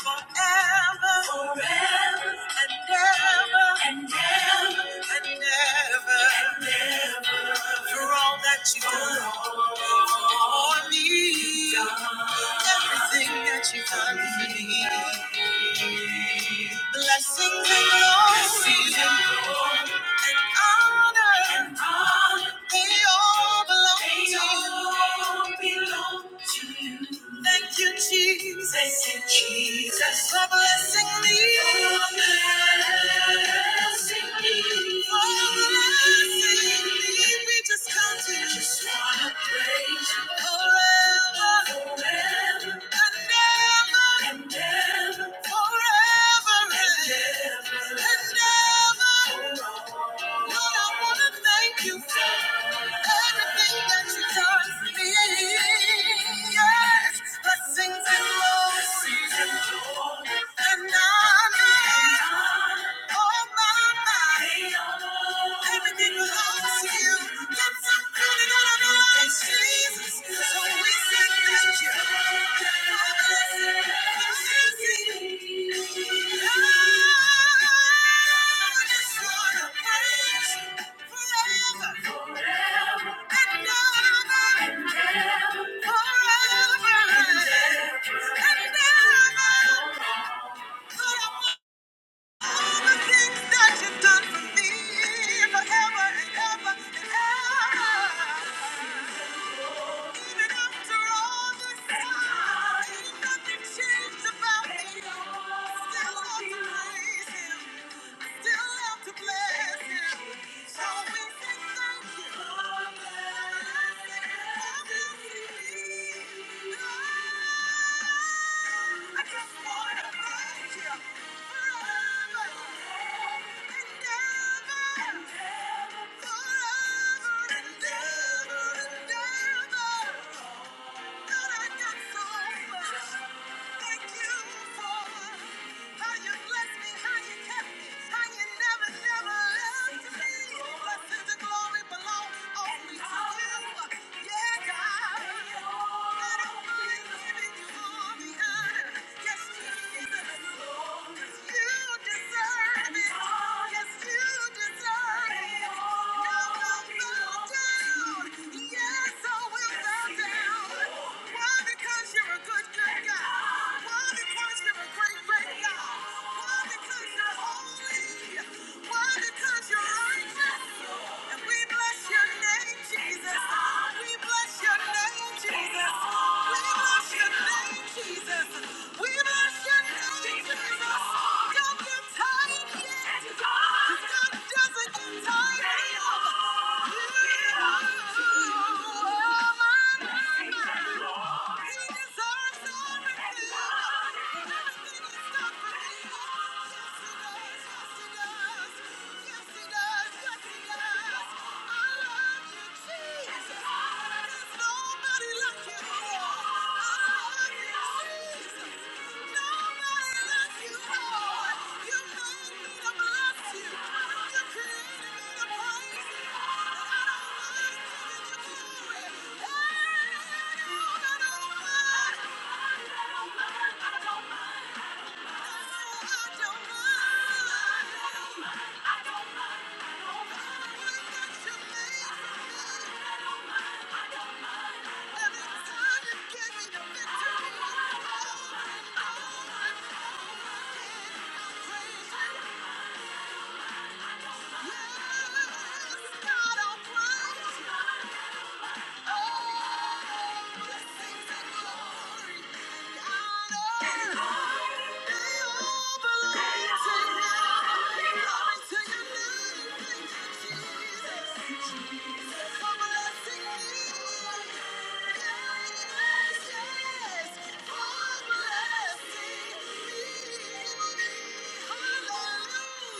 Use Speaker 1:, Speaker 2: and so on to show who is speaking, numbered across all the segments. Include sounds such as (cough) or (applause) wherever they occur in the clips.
Speaker 1: forever forever and ever and ever and ever and ever for all that you've done for me, everything that you've done for me. Blessings and glory and honor, and honor, they all belong they to all you. Belong to you. Thank you, Jesus. Thank you, Jesus, For blessing me. For blessing me. For blessing me. We just come to you. Just wanna praise you. Forever Forever. and ever. And ever forever and ever. Lord, I want to thank you for everything that you've done for me. Yes, blessings and mercies and honor. Oh, my, my. Everything belongs to you. That's good and all I know is Jesus. So we say thank you. Forever and ever. All the things that you've done for me forever and ever and ever. Even after all this time, nothing changed about me. Still love to praise Him. Still love to bless Him. So we say thank you. Thank you. I just wanna praise you forever and ever. Forever and ever and ever. Yes, Jesus. Because you're a good, good God. Why? Because you're a great, great God. Why? Because yeah. Jesus. There's nobody like you. Thank you.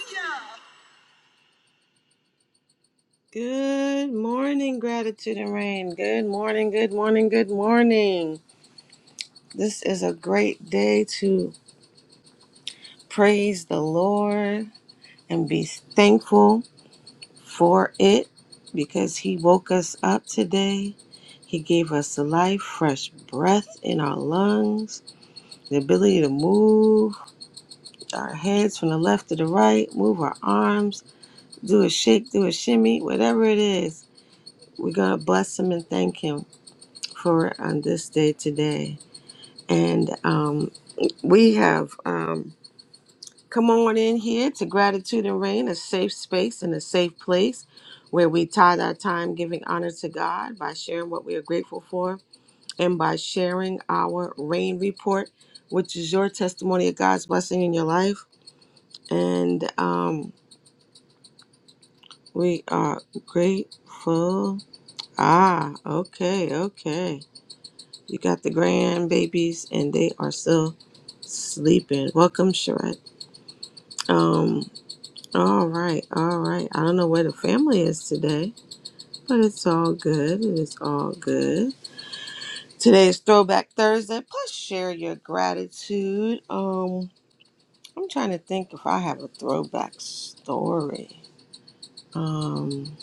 Speaker 1: Hallelujah. Good morning, gratitude and rain. Good morning, good morning, good morning. This is a great day to praise the Lord and be thankful for it because He woke us up today. He gave us life, fresh breath in our lungs, the ability to move our heads from the left to the right, move our arms, do a shake, do a shimmy, whatever it is. We're going to bless Him and thank Him. for on this day today. And um, we have um, come on in here to Gratitude and Rain, a safe space and a safe place where we tithe our time giving honor to God by sharing what we are grateful for and by sharing our rain report, which is your testimony of God's blessing in your life. And um, we are grateful. Ah, okay, okay. You got the grandbabies, and they are still sleeping. Welcome, Charette. Um, all right, all right. I don't know where the family is today, but it's all good. It is all good. Today is Throwback Thursday. Plus, share your gratitude. Um, I'm trying to think if I have a throwback story. Um,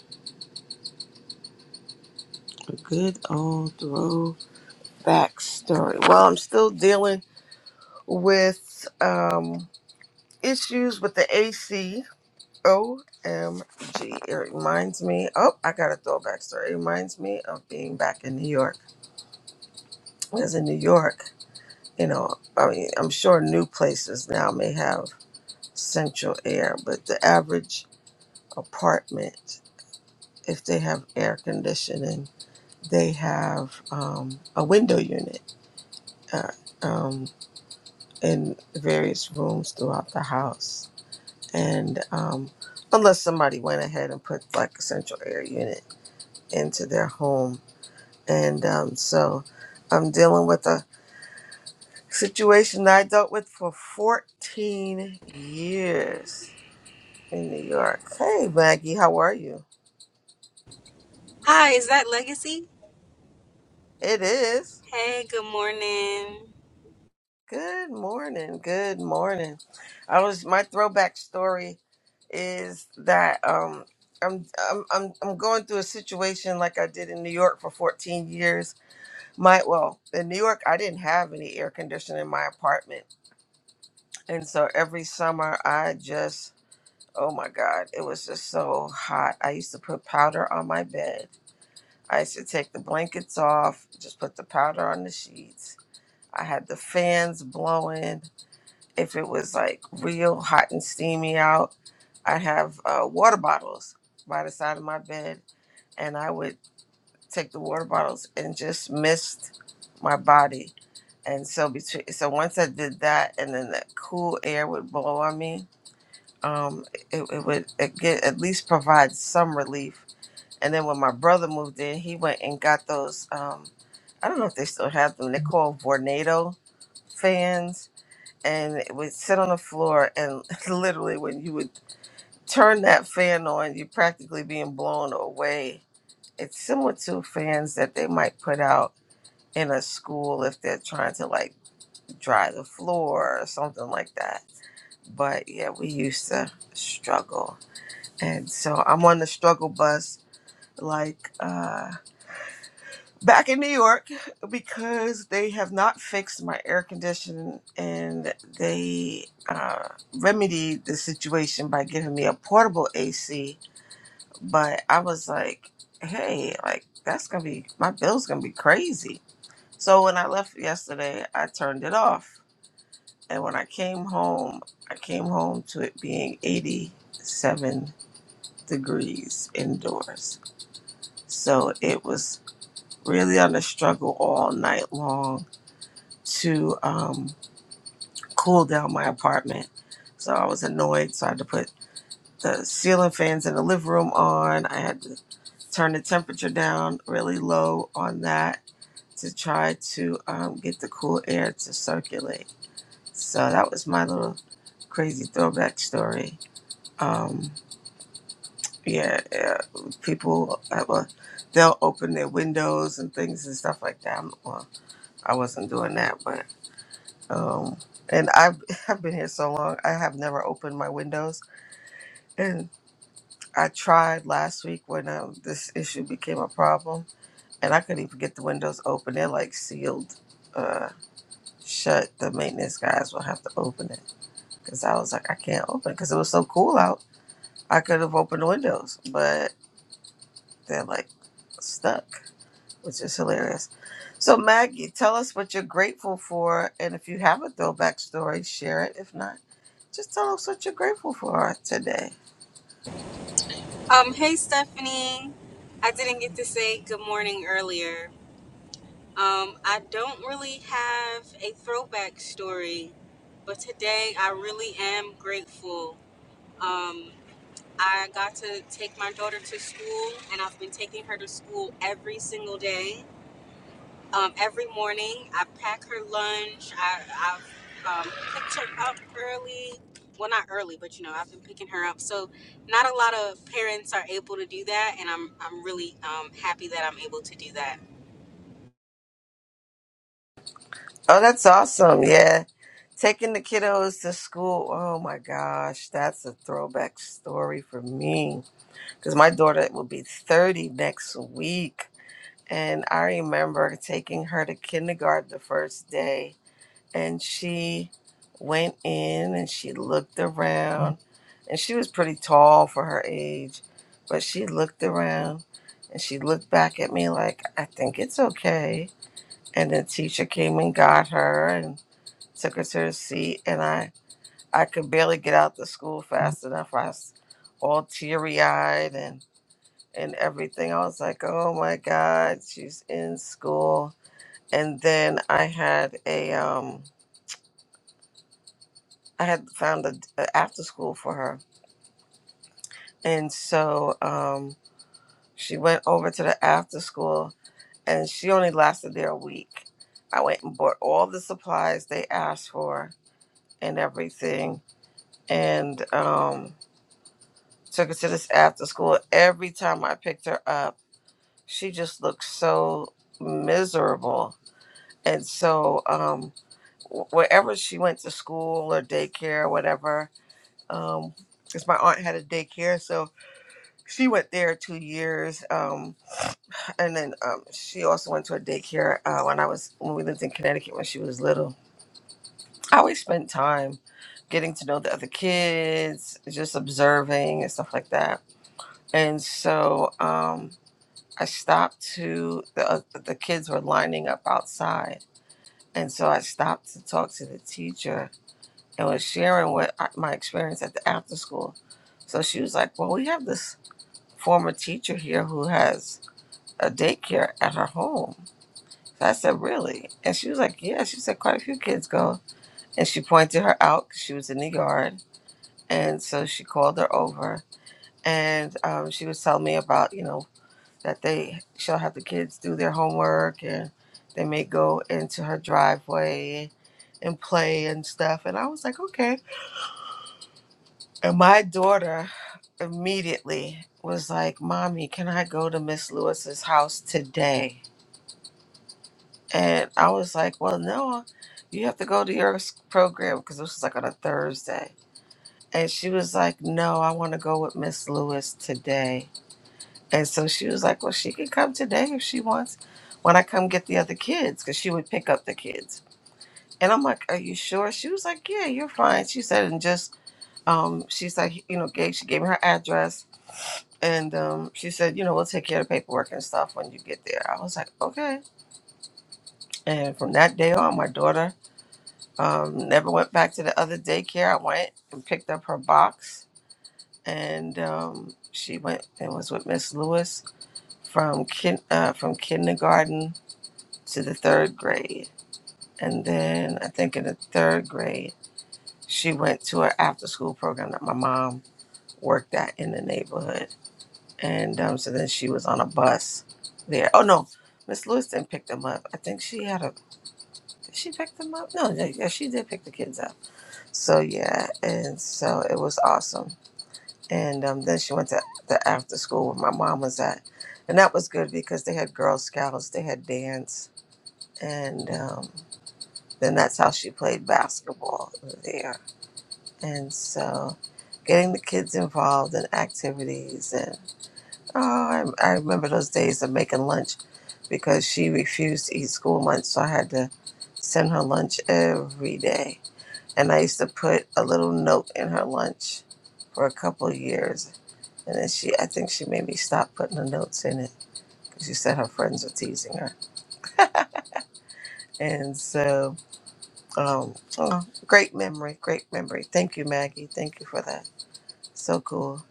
Speaker 1: a good old throwback story. Well, I'm still dealing with um issues with the AC OMG. It reminds me. Oh, I got a throwback story. It reminds me of being back in New York. Because in New York, you know, I mean, I'm sure new places now may have central air, but the average apartment, if they have air conditioning, they have um, a window unit uh, um, in various rooms throughout the house. And um, unless somebody went ahead and put like a central air unit into their home, And um, so I'm dealing with a situation that I dealt with for 14 years in New York. Hey, Maggie, how are you?
Speaker 2: Hi, is that Legacy?
Speaker 1: It is.
Speaker 2: Hey, good morning.
Speaker 1: Good morning. Good morning. I was my throwback story is that um I'm I'm I'm I'm going through a situation like I did in New York for 14 years. My well, in New York I didn't have any air conditioning in my apartment. And so every summer I just Oh my God, it was just so hot. I used to put powder on my bed. I used to take the blankets off, just put the powder on the sheets. I had the fans blowing. If it was like real hot and steamy out, I'd have uh, water bottles by the side of my bed, and I would take the water bottles and just mist my body. And so between, so once I did that, and then that cool air would blow on me um, it, it would it get, at least provide some relief. And then when my brother moved in, he went and got those. Um, I don't know if they still have them. They're called Vornado fans, and it would sit on the floor. And (laughs) literally, when you would turn that fan on, you're practically being blown away. It's similar to fans that they might put out in a school if they're trying to like dry the floor or something like that. But yeah, we used to struggle and so I'm on the struggle bus, like uh, back in New York, (laughs) because they have not fixed my air conditioning, and they uh, remedied the situation by giving me a portable AC. But I was like, hey, like that's gonna be my bill's gonna be crazy. So when I left yesterday, I turned it off, and when I came home, I came home to it being 87 degrees indoors So it was really on a struggle all night long to um, cool down my apartment. So I was annoyed. So I had to put the ceiling fans in the living room on. I had to turn the temperature down really low on that to try to um, get the cool air to circulate. So that was my little crazy throwback story. Um, yeah, yeah, people have a, they'll open their windows and things and stuff like that. I'm, well, I wasn't doing that, but um, and I've (laughs) I've been here so long, I have never opened my windows, and I tried last week when um, this issue became a problem, and I couldn't even get the windows open. They're like sealed, uh, shut. The maintenance guys will have to open it because I was like, I can't open because it was so cool out. I could have opened the windows, but they're like stuck, which is hilarious. So Maggie, tell us what you're grateful for, and if you have a throwback story, share it. If not. Just tell them what you're grateful for today.
Speaker 2: Um, hey Stephanie. I didn't get to say good morning earlier. Um, I don't really have a throwback story, but today I really am grateful. Um, I got to take my daughter to school, and I've been taking her to school every single day Um, every morning, I pack her lunch. I, I've um, picked her up early. Well, not early, but you know, I've been picking her up. So, not a lot of parents are able to do that, and I'm I'm really um, happy that I'm able to do that.
Speaker 1: Oh, that's awesome. Yeah. Taking the kiddos to school. Oh my gosh. That's a throwback story for me. Because my daughter will be 30 next week. And I remember taking her to kindergarten the first day. And she went in and she looked around. And she was pretty tall for her age. But she looked around and she looked back at me like, I think it's okay And then teacher came and got her and took her to her seat. And I, I could barely get out the school fast enough. I was all teary eyed and, and everything. I was like, oh my God, she's in school. And then I had a, um, I had found a, a after school for her. And so, um, she went over to the after school and she only lasted there a week. I went and bought all the supplies they asked for and everything and um, took her to this after school. Every time I picked her up, she just looked so miserable. And so, um, wh- wherever she went to school or daycare or whatever, um, because my aunt had a daycare, so she went there two years, um, and then um, she also went to a daycare uh, when I was when we lived in Connecticut when she was little. I always spent time getting to know the other kids, just observing and stuff like that And so um, I stopped to the uh, the kids were lining up outside, and so I stopped to talk to the teacher and was sharing what I, my experience at the after school. So she was like, "Well, we have this former teacher here who has a daycare at her home." So I said, "Really?" And she was like, "Yeah." She said, "Quite a few kids go," and she pointed her out 'cause she was in the yard, and so she called her over, and um, she was telling me about you know that they she'll have the kids do their homework and they may go into her driveway and play and stuff. And I was like, okay. And my daughter immediately was like, Mommy, can I go to Miss Lewis's house today? And I was like, Well, no, you have to go to your s- program because this was like on a Thursday. And she was like, No, I want to go with Miss Lewis today. And so she was like, well, she can come today if she wants when I come get the other kids because she would pick up the kids. And I'm like, are you sure? She was like, yeah, you're fine. She said, and just, um, she's like, you know, gave, she gave me her address and um, she said, you know, we'll take care of the paperwork and stuff when you get there. I was like, okay. And from that day on, my daughter um, never went back to the other daycare. I went and picked up her box and um, she went and was with Miss Lewis from kin- uh, from kindergarten to the third grade. And then I think in the third grade, she went to an after school program that my mom worked at in the neighborhood. And um, so then she was on a bus there. Oh, no, Miss Lewiston picked them up. I think she had a, did she pick them up? No, yeah, yeah, she did pick the kids up. So yeah, and so it was awesome. And um, then she went to the after school where my mom was at. And that was good because they had Girl Scouts, they had dance. And um, then that's how she played basketball there. And so getting the kids involved in activities and oh, I, I remember those days of making lunch because she refused to eat school lunch, so I had to send her lunch every day. And I used to put a little note in her lunch for a couple of years. And then she, I think she made me stop putting the notes in it because she said her friends were teasing her. And so Um, so great memory, great memory. Thank you, Maggie. Thank you for that. So cool.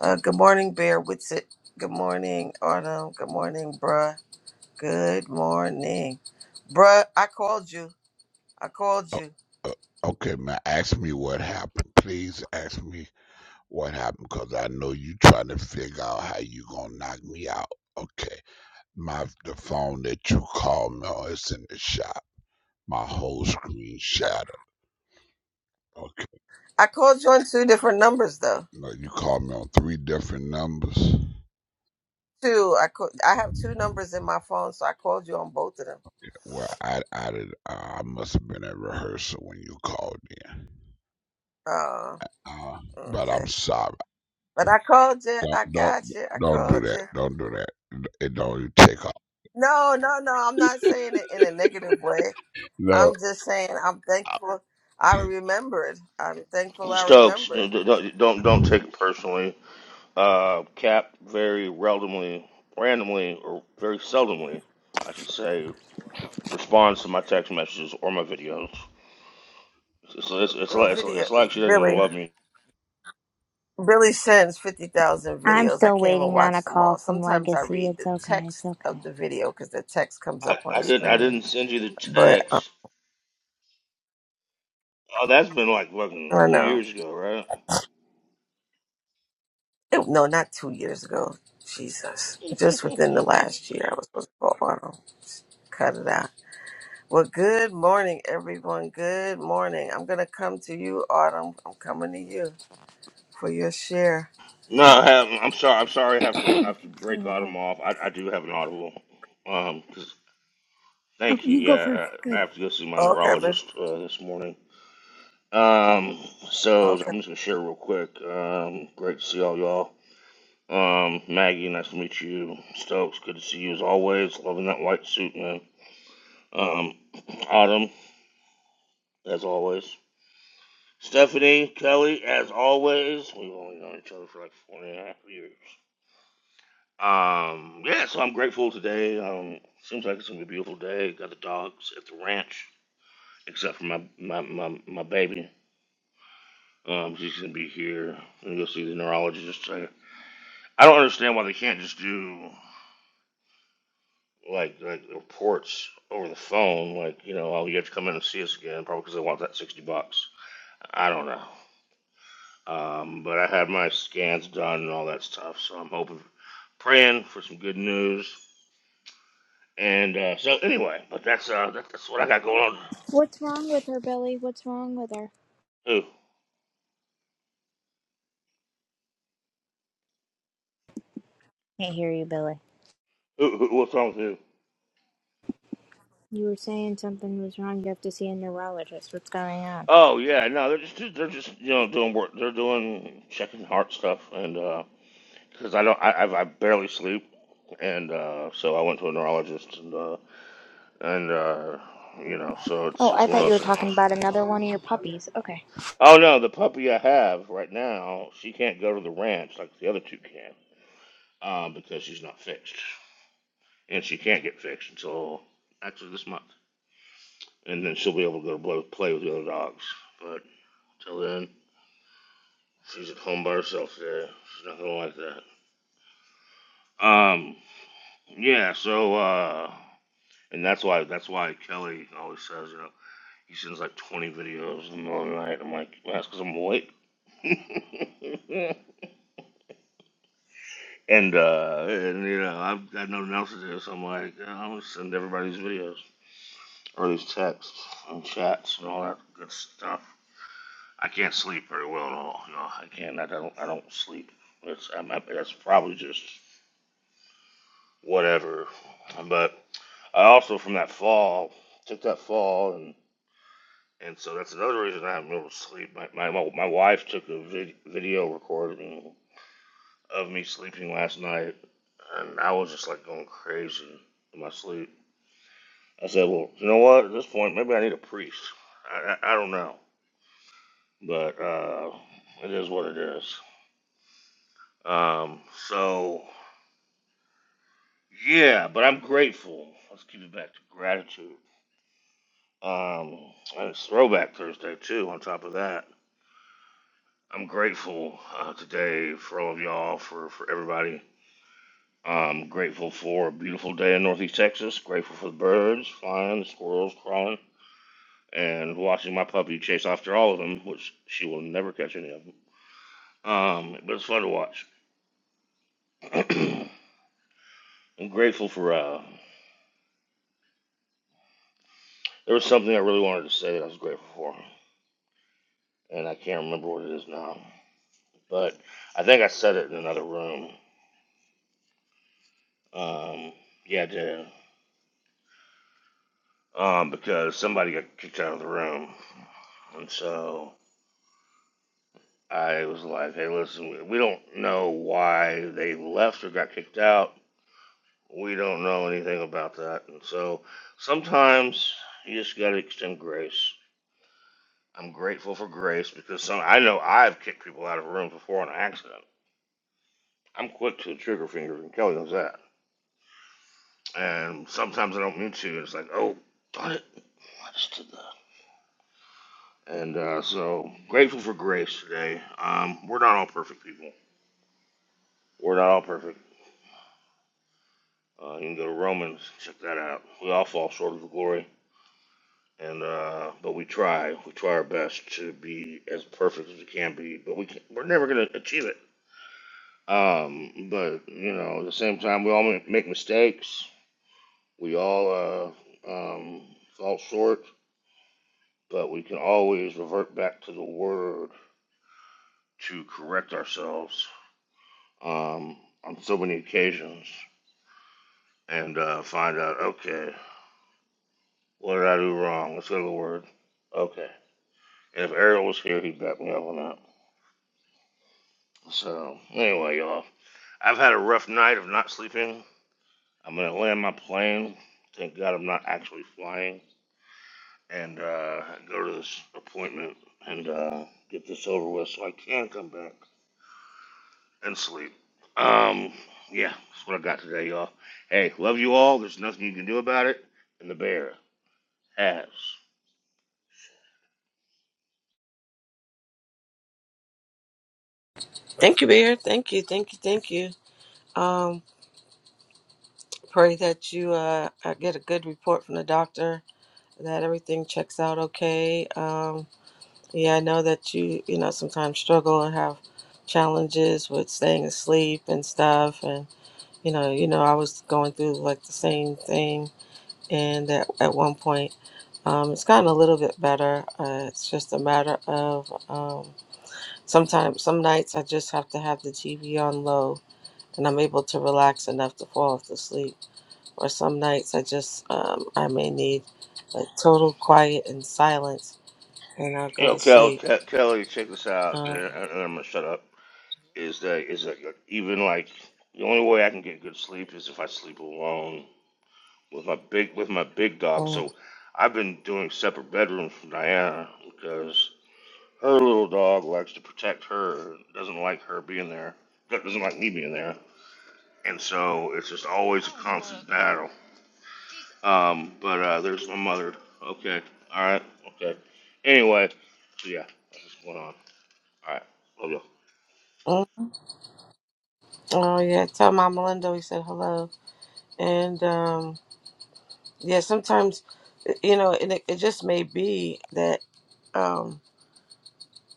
Speaker 1: Uh, good morning, Bear Witsit. Good morning, Autumn. Good morning, bruh. Good morning, bruh. I called you. I called
Speaker 3: O-
Speaker 1: you.
Speaker 3: o- Okay, man, ask me what happened. Please ask me what happened because I know you trying to figure out how you going to knock me out. Okay, my the phone that you called me on is in the shop. My whole screen
Speaker 1: Uh,
Speaker 3: shattered. Okay,
Speaker 1: I called you on two different numbers though.
Speaker 3: no, you called me on three different numbers.
Speaker 1: Two. I call, I have two numbers in my phone, so I called you on both of them.
Speaker 3: Well, I I did. Uh, I must have been at rehearsal when you called in.
Speaker 1: Oh,
Speaker 3: Uh, but
Speaker 1: okay.
Speaker 3: I'm sorry.
Speaker 1: But I called you.
Speaker 3: Don't
Speaker 1: I
Speaker 3: don't
Speaker 1: got you. I
Speaker 3: don't do
Speaker 1: called
Speaker 3: that.
Speaker 1: you.
Speaker 3: Don't do that. It don't even take off.
Speaker 1: No, no, no. I'm not saying it in a negative way.
Speaker 3: No.
Speaker 1: I'm just saying, I'm thankful I remembered. I'm thankful I
Speaker 4: Stokes,
Speaker 1: remembered.
Speaker 4: don't don't, don't take it personally. Uh, Cap very randomly, randomly or very seldomly, I should say, responds to my text messages or my videos. So It's it's, it's,
Speaker 1: Oh,
Speaker 4: like, it's,
Speaker 1: video,
Speaker 4: it's like she doesn't even
Speaker 1: Billy.
Speaker 4: love me.
Speaker 1: Billy sends 50,000
Speaker 5: I'm
Speaker 1: videos. I
Speaker 5: still
Speaker 1: can't even
Speaker 5: waiting on a
Speaker 1: watch them
Speaker 5: call
Speaker 1: all.
Speaker 5: from
Speaker 1: Sometimes I
Speaker 5: Legacy.
Speaker 1: read
Speaker 5: It's
Speaker 1: the
Speaker 5: okay. It's
Speaker 1: text
Speaker 5: okay.
Speaker 1: of the video because the text comes
Speaker 4: I,
Speaker 1: up on
Speaker 4: I
Speaker 1: the
Speaker 4: didn't I
Speaker 1: screen.
Speaker 4: didn't send you the
Speaker 1: But um,
Speaker 4: text. Oh, that's been like
Speaker 1: I
Speaker 4: fucking
Speaker 1: don't
Speaker 4: two
Speaker 1: know.
Speaker 4: years ago, right?
Speaker 1: It- no, not two years ago. Jesus.
Speaker 4: (laughs)
Speaker 1: Just within the last year, I was supposed to go on 'em. Cut it out. Well, good morning, everyone. Good morning. I'm going to come to you, Autumn. I'm coming to you for your share.
Speaker 4: no, I haven't. I'm sorry. I'm sorry. I have to I have to break
Speaker 5: Yeah.
Speaker 4: Autumn off. I, I do have an audible. Um, 'cause-
Speaker 5: Oh,
Speaker 4: thank you.
Speaker 5: you go first.
Speaker 4: Yeah, I, I
Speaker 5: Good.
Speaker 4: have to go see my
Speaker 1: Okay, man.
Speaker 4: neurologist uh, this morning. Um, so
Speaker 1: Okay.
Speaker 4: I'm just gonna share real quick. Um, great to see all y'all. Um, Maggie, nice to meet you. Stokes, good to see you as always. Loving that white suit, man. Um, Autumn, as always. Stephanie, Kelly, as always. We've only known each other for like four and a half years. Um, yeah, so I'm grateful today. Um, seems like it's gonna be a beautiful day. Got the dogs at the ranch, except for my my my, my baby. Um, she's gonna be here. I'm gonna go see the neurologist. I don't understand why they can't just do like like reports over the phone. Like you know, oh, you have to come in and see us again, probably because they want that sixty bucks. I don't know. Um, but I had my scans done and all that stuff, so I'm hoping, praying for some good news. And uh, so anyway, but that's uh, that, that's what I got going on.
Speaker 5: What's wrong with her, Billy? What's wrong with her?
Speaker 4: Who?
Speaker 5: Can't hear you, Billy.
Speaker 4: Who, who? What's wrong with who?
Speaker 5: You were saying something was wrong. You have to see a neurologist. What's going on?
Speaker 4: Oh yeah, no, they're just they're just you know doing work. They're doing checking heart stuff and. uh because I don't, I, I I barely sleep, and uh, so I went to a neurologist, and uh, and uh, you know, so it's
Speaker 5: Oh,
Speaker 4: it's
Speaker 5: I
Speaker 4: one of
Speaker 5: thought you
Speaker 4: those
Speaker 5: were
Speaker 4: things.
Speaker 5: talking about another one of your puppies. Okay.
Speaker 4: Oh no, the puppy I have right now, she can't go to the ranch like the other two can, um, because she's not fixed, and she can't get fixed until actually this month, and then she'll be able to go to blow, play with the other dogs. But till then, she's at home by herself today. She's not gonna like that. Um, yeah, so uh, and that's why that's why Kelly always says, you know. He sends like 20 videos in the middle of the night. I'm like, well, that's because I'm awake. (laughs) and, uh, and, you know, I've got nothing else to do, so I'm like, "Yeah, I'm going to send everybody these videos or these texts and chats and all that good stuff. I can't sleep very well at all. No, I can't. I don't, I don't sleep. It's, I'm, I, that's probably just whatever. But I also, from that fall, took that fall and and so that's another reason I haven't been able to sleep. My my, my wife took a vid- video recording. of me sleeping last night, and I was just like going crazy in my sleep. I said, "Well, you know what? At this point, maybe I need a priest. I, I, I don't know, but uh, it is what it is." Um, so yeah, but I'm grateful. Let's keep it back to gratitude. Um, and it's Throwback Thursday too. On top of that, I'm grateful uh, today for all of y'all, for for everybody I'm grateful for a beautiful day in Northeast Texas. Grateful for the birds flying, the squirrels crawling, and watching my puppy chase after all of them, which she will never catch any of them. Um, but it's fun to watch. (clears throat) I'm grateful for. Uh, there was something I really wanted to say that I was grateful for, and I can't remember what it is now. But I think I said it in another room. Um, yeah, I did. Um, because somebody got kicked out of the room, and so I was like, hey, listen, we don't know why they left or got kicked out. We don't know anything about that. And so sometimes you just got to extend grace. I'm grateful for grace because some, I know I've kicked people out of rooms before on accident. I'm quick to the trigger finger, and Kelly knows that. And sometimes I don't mean to. And it's like, oh, darn it. I just did that. And uh, so grateful for grace today. Um, we're not all perfect people. We're not all perfect Uh, you can go to Romans, check that out. We all fall short of the glory, and uh, but we try. We try our best to be as perfect as we can be, but we can, we're never going to achieve it. Um, but you know, at the same time, we all ma- make mistakes. We all uh, um, fall short, but we can always revert back to the Word to correct ourselves um, on so many occasions and uh, find out, okay, what did I do wrong? Let's go to the Word. Okay If Errol was here, he'd back me up on that. So, anyway, y'all, I've had a rough night of not sleeping. I'm going to land my plane. Thank God I'm not actually flying. And uh, go to this appointment and uh, get this over with so I can come back and sleep. Um, yeah, that's what I got today, y'all. Hey, love you all. There's nothing you can do about it. And the bear has.
Speaker 1: Thank you, Beard. Thank you, thank you, thank you. Um, pray that you uh I get a good report from the doctor that everything checks out okay. Um, yeah, I know that you you know sometimes struggle and have challenges with staying asleep and stuff, and you know you know I was going through like the same thing, and at at one point. Um, it's gotten a little bit better. Uh, it's just a matter of um, sometimes, some nights I just have to have the TV on low and I'm able to relax enough to fall off to sleep. Or some nights I just um, I may need like total quiet and silence, and I'll go
Speaker 4: Yo,
Speaker 1: to
Speaker 4: Kel,
Speaker 1: sleep.
Speaker 4: Ke- Kelly, check this out.
Speaker 1: Um,
Speaker 4: and I'm going to shut up. is that is that even like the only way I can get good sleep is if I sleep alone with my big with my big dog.
Speaker 1: mm,
Speaker 4: So I've been doing separate bedrooms from Diana because her little dog likes to protect her, doesn't like her being there, doesn't like me being there, and so it's just always a constant battle. Um, but uh, there's my mother. Okay, all right, okay. Anyway, so yeah, that's what's going on. All right, love you.
Speaker 1: mm. oh yeah, tell Mama Linda we said hello, and um, yeah, sometimes you know, and it, it just may be that um,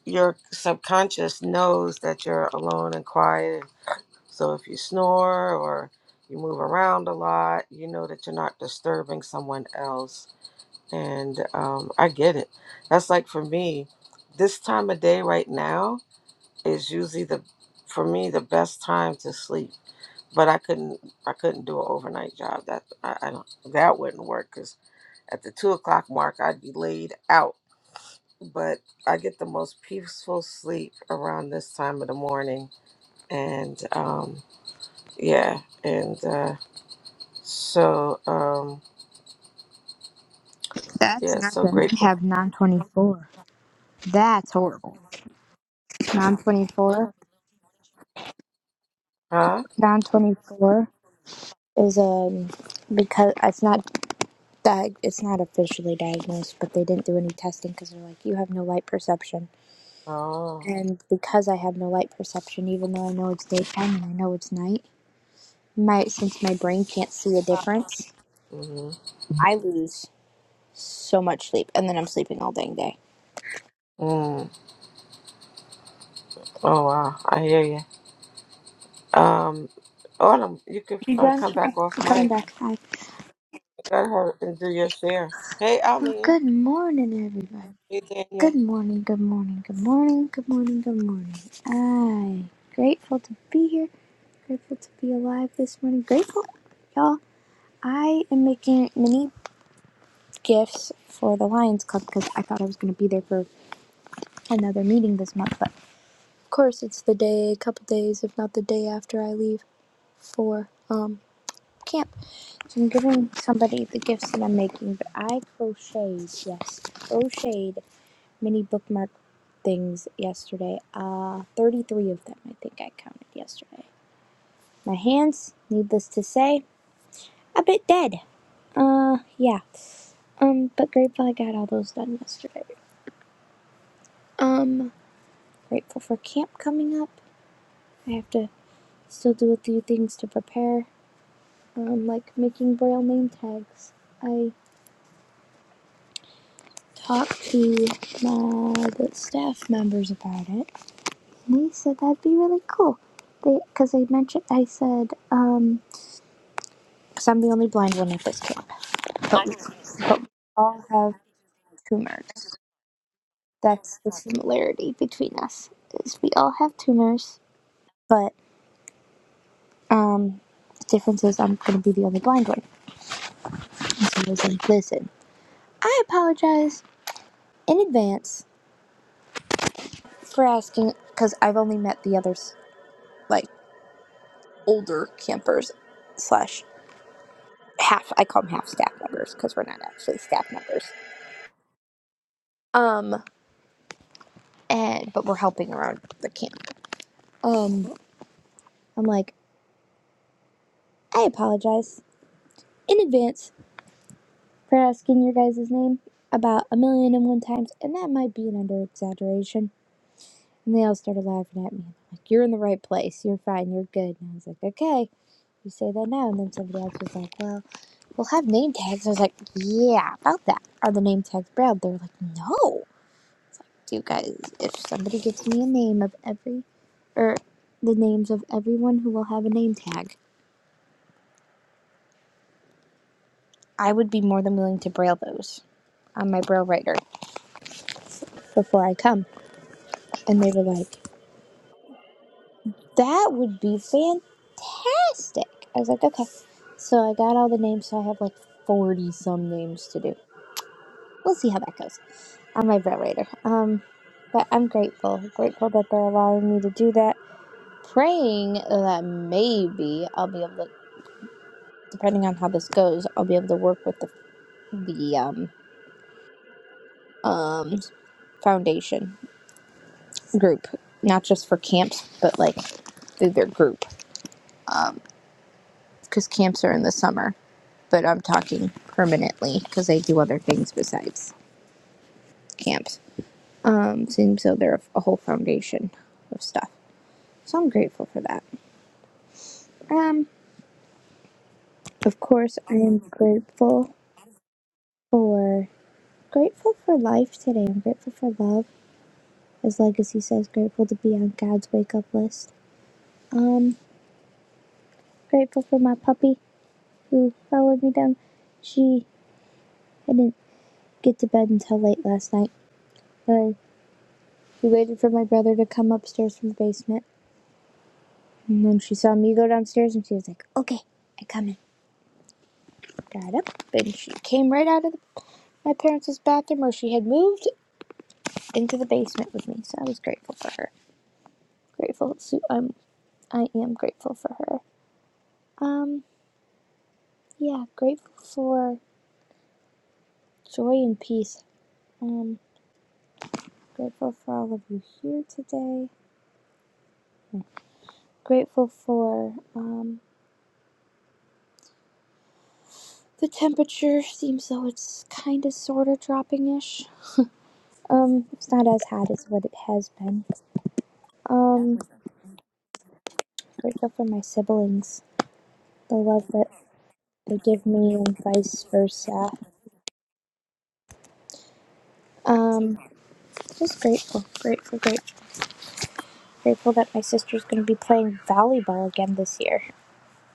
Speaker 1: your subconscious knows that you're alone and quiet. So if you snore or you move around a lot, you know that you're not disturbing someone else and um, I get it. That's like for me, this time of day right now is usually the for me the best time to sleep. But I couldn't I couldn't do an overnight job. That I, I don't that wouldn't work because at the two o'clock mark I'd be laid out. But I get the most peaceful sleep around this time of the morning, and um, yeah, and uh, so um,
Speaker 5: That's
Speaker 1: yeah, so
Speaker 5: nothing. I
Speaker 1: grateful.
Speaker 5: have non 24. That's horrible. Non 24.
Speaker 1: Huh?
Speaker 5: Non 24 is um because it's not diag- it's not officially diagnosed, but they didn't do any testing because they're like you have no light perception.
Speaker 1: Oh.
Speaker 5: And because I have no light perception, even though I know it's daytime and I know it's night, my since my brain can't see the difference,
Speaker 1: Mm-hmm.
Speaker 5: I lose so much sleep, and then I'm sleeping all dang day.
Speaker 1: Mm. Oh wow, I hear you. Um, Autumn, you could
Speaker 5: You
Speaker 1: uh,
Speaker 5: done?
Speaker 1: come
Speaker 5: Okay,
Speaker 1: back off
Speaker 5: I'm coming
Speaker 1: mic.
Speaker 5: back. Hi.
Speaker 1: Go ahead and do your share. Hey,
Speaker 5: Well,
Speaker 1: Almeen.
Speaker 5: good morning, everybody.
Speaker 1: Hey,
Speaker 5: Good
Speaker 1: Daniel.
Speaker 5: morning. Good morning. Good morning. Good morning. Good morning. I grateful to be here. Grateful to be alive this morning. Grateful, y'all. I am making mini gifts for the Lions Club because I thought I was going to be there for another meeting this month, but Of course, it's the day, a couple days, if not the day after I leave for um camp. So I'm giving somebody the gifts that I'm making, but I crocheted, yes, crocheted mini bookmark things yesterday. Uh, 33 of them, I think I counted yesterday. My hands, needless to say, a bit dead. Uh, yeah. Um, but grateful I got all those done yesterday. Um, grateful for camp coming up. I have to still do a few things to prepare. um, like making braille name tags. I talked to my, the staff members about it, and they said that'd be really cool. They, because I mentioned, I said, um, because I'm the only blind one at this camp. All have tumors. That's the similarity between us. Is we all have tumors, but um, the difference is I'm going to be the only blind one. And so I was like, listen, I apologize in advance for asking because I've only met the others like older campers slash half I call them half staff members because we're not actually staff members. Um and but we're helping around the camp. Um I'm like, I apologize in advance for asking your guys' name about a million and one times, and that might be an under exaggeration. And they all started laughing at me. Like, you're in the right place. You're fine. You're good. And I was like, okay, you say that now. And then somebody else was like, well, we'll have name tags. I was like, yeah, about that. Are the name tags brown? They're like, no. you guys, if somebody gets me a name of every, or the names of everyone who will have a name tag, I would be more than willing to braille those on my braille writer before I come. And they were like, that would be fantastic. I was like, okay. So I got all the names, so I have like 40 some names to do. We'll see how that goes on my braille writer. Um, but I'm grateful, grateful that they're allowing me to do that. Praying that maybe I'll be able to. depending on how this goes, I'll be able to work with the the um, um, foundation group, not just for camps, but like through their group, because camps are in the summer. But I'm talking permanently because they do other things besides camps. Um, seems though they're a whole foundation of stuff, so I'm grateful for that. Um, of course, I am grateful for grateful for life today. I'm grateful for love, as Legacy says, grateful to be on God's wake up list Um, grateful for my puppy who followed me down. She, I didn't get to bed until late last night, but she waited for my brother to come upstairs from the basement. And then she saw me go downstairs and she was like, okay, I come in. Got up and she came right out of the, my parents' bathroom where she had moved into the basement with me. So I was grateful for her. Grateful to, um, I am grateful for her. Um, yeah, grateful for joy and peace. Um, grateful for all of you here today grateful for um, the temperature seems though it's kind of sort of dropping ish um it's not as hot as what it has been um grateful for my siblings the love that they give me and vice versa um just grateful grateful grateful grateful that my sister's going to be playing volleyball again this year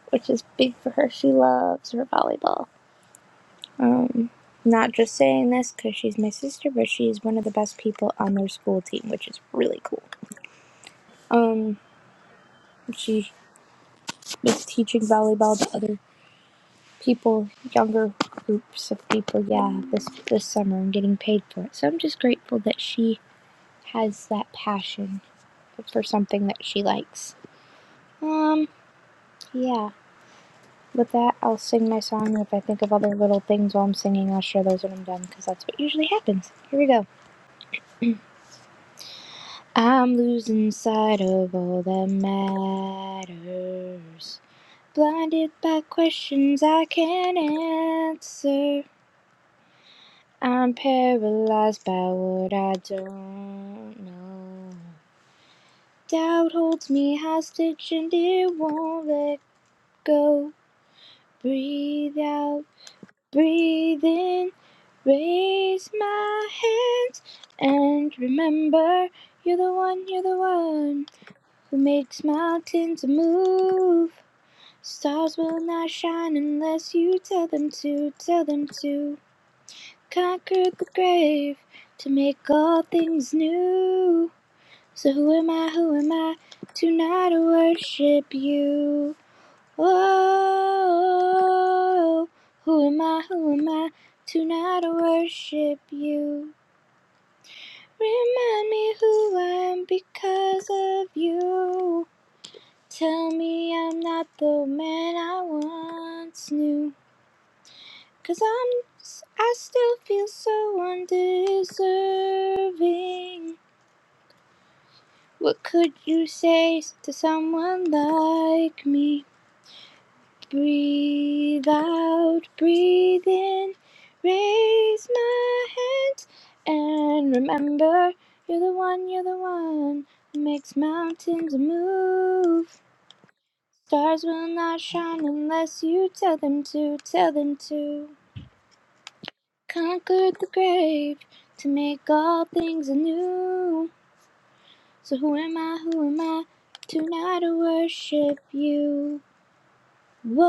Speaker 5: which is big for her she loves her volleyball um not just saying this because she's my sister, but she's one of the best people on their school team, which is really cool. Um, she was teaching volleyball to other people, younger groups of people. Yeah, this this summer and getting paid for it. So I'm just grateful that she has that passion for something that she likes. Um, yeah. With that, I'll sing my song. If I think of other little things while I'm singing, I'll share those when I'm done because that's what usually happens. Here we go. I'm losing sight of all that matters blinded by questions I can't answer. I'm paralyzed by what I don't know. Doubt holds me hostage and it won't let go. Breathe out, breathe in, raise my hands, and remember you're the one, you're the one who makes mountains move. Stars will not shine unless you tell them to, tell them to. Conquer the grave to make all things new. So who am I, who am I to not worship you? Oh, who am I, who am I to not worship you? Remind me who I am because of you. Tell me I'm not the man I once knew. i I'm, I still feel so undeserving. What could you say to someone like me? Breathe out, breathe in, raise my hands, and remember you're the one, you're the one that makes mountains move. Stars will not shine unless you tell them to, tell them to. Conquered the grave to make all things anew. So who am I, who am I to not worship you? Whoa,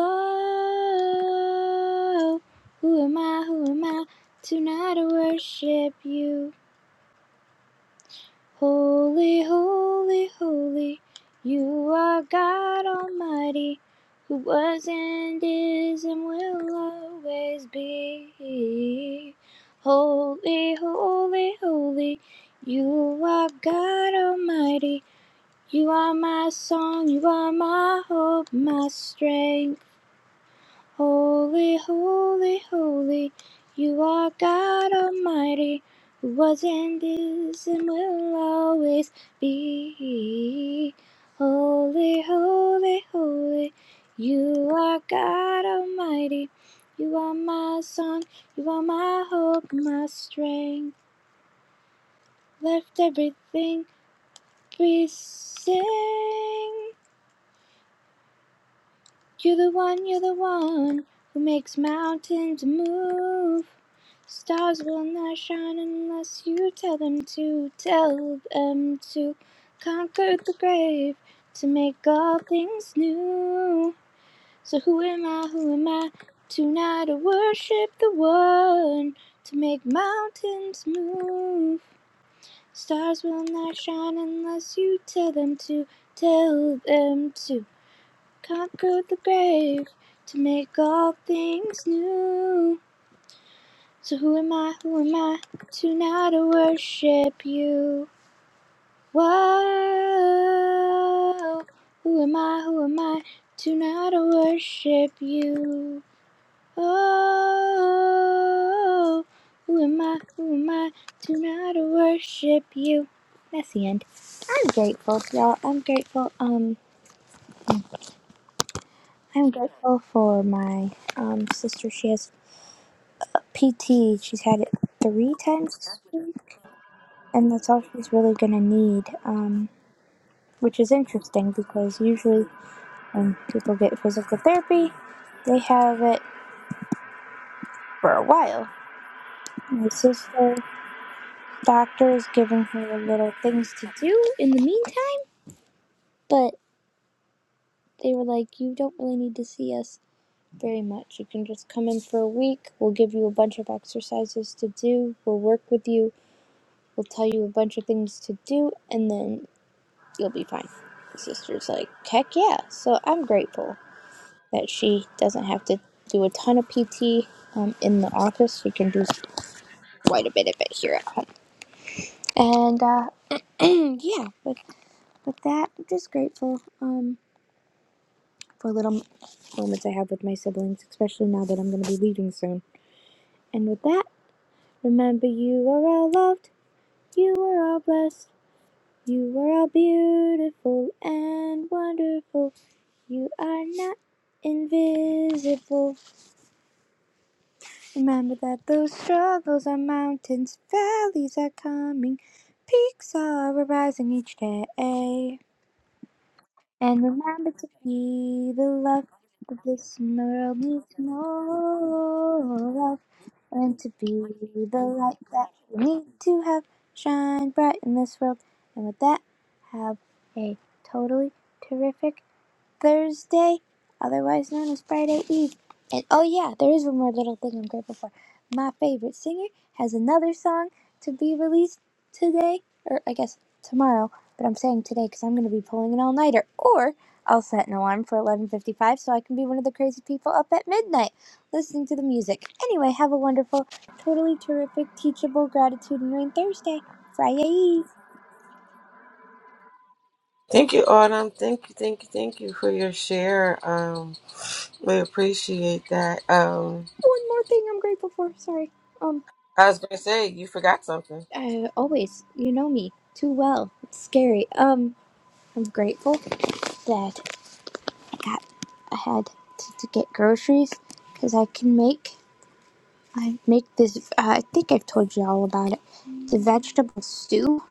Speaker 5: who am I? Who am I to not worship you? Holy, holy, holy, you are God Almighty, who was and is and will always be. Holy, holy, holy, you are God Almighty. You are my song, you are my hope, my strength. Holy, holy, holy, you are God Almighty, who was and is and will always be. Holy, holy, holy, you are God Almighty. You are my song, you are my hope, my strength. Left everything, we sing. You're the one, you're the one who makes mountains move. Stars will not shine unless you tell them to. Tell them to conquer the grave, to make all things new. So who am I? Who am I? tonight To worship the one, to make mountains move. Stars will not shine unless you tell them to. Tell them to conquer the grave, to make all things new. So who am I, who am I to not worship you? Whoa. Who am I, who am I to not worship you? Oh. Who am I, who am I to not worship you? That's the end. I'm grateful, y'all. I'm grateful. Um, I'm grateful for my um sister. She has PT. She's had it three times. this week. And that's all she's really going to need, um, which is interesting because usually when people get physical therapy, they have it for a while. My sister doctor is giving her little things to do in the meantime, but they were like, You don't really need to see us very much. You can just come in for a week. We'll give you a bunch of exercises to do. We'll work with you. We'll tell you a bunch of things to do, and then you'll be fine. Sister's like, Heck yeah. So I'm grateful that she doesn't have to do a ton of PT um, in the office. She can do quite a bit of it here at home. And uh, (clears throat) yeah, with, with that, I'm just grateful um, for little moments I have with my siblings, especially now that I'm going to be leaving soon. And with that, remember you are all loved, you are all blessed, you are all beautiful and wonderful. You are not invisible. Remember that those struggles are mountains, valleys are coming, peaks are arising each day. And remember to be the love that this world needs more of, and to be the light that we need to have shine bright in this world. And with that, have a totally terrific Thursday, otherwise known as Friday Eve. And oh, yeah, there is one more little thing I'm grateful for. My favorite singer has another song to be released today, or I guess tomorrow, but I'm saying today because I'm going to be pulling an all nighter. Or I'll set an alarm for 11.55 so I can be one of the crazy people up at midnight listening to the music. Anyway, have a wonderful, totally terrific, teachable gratitude and rain Thursday, Friday Eve.
Speaker 1: Thank you, Autumn. Thank you, thank you, thank you for your share. Um, we appreciate that. Um,
Speaker 5: One more thing I'm grateful for. Sorry. Um,
Speaker 1: I was gonna say you forgot something.
Speaker 5: Uh, always, you know me too well. It's scary. Um, I'm grateful that I got I had to, to get groceries because I can make I make this. Uh, I think I've told you all about it. It's a vegetable stew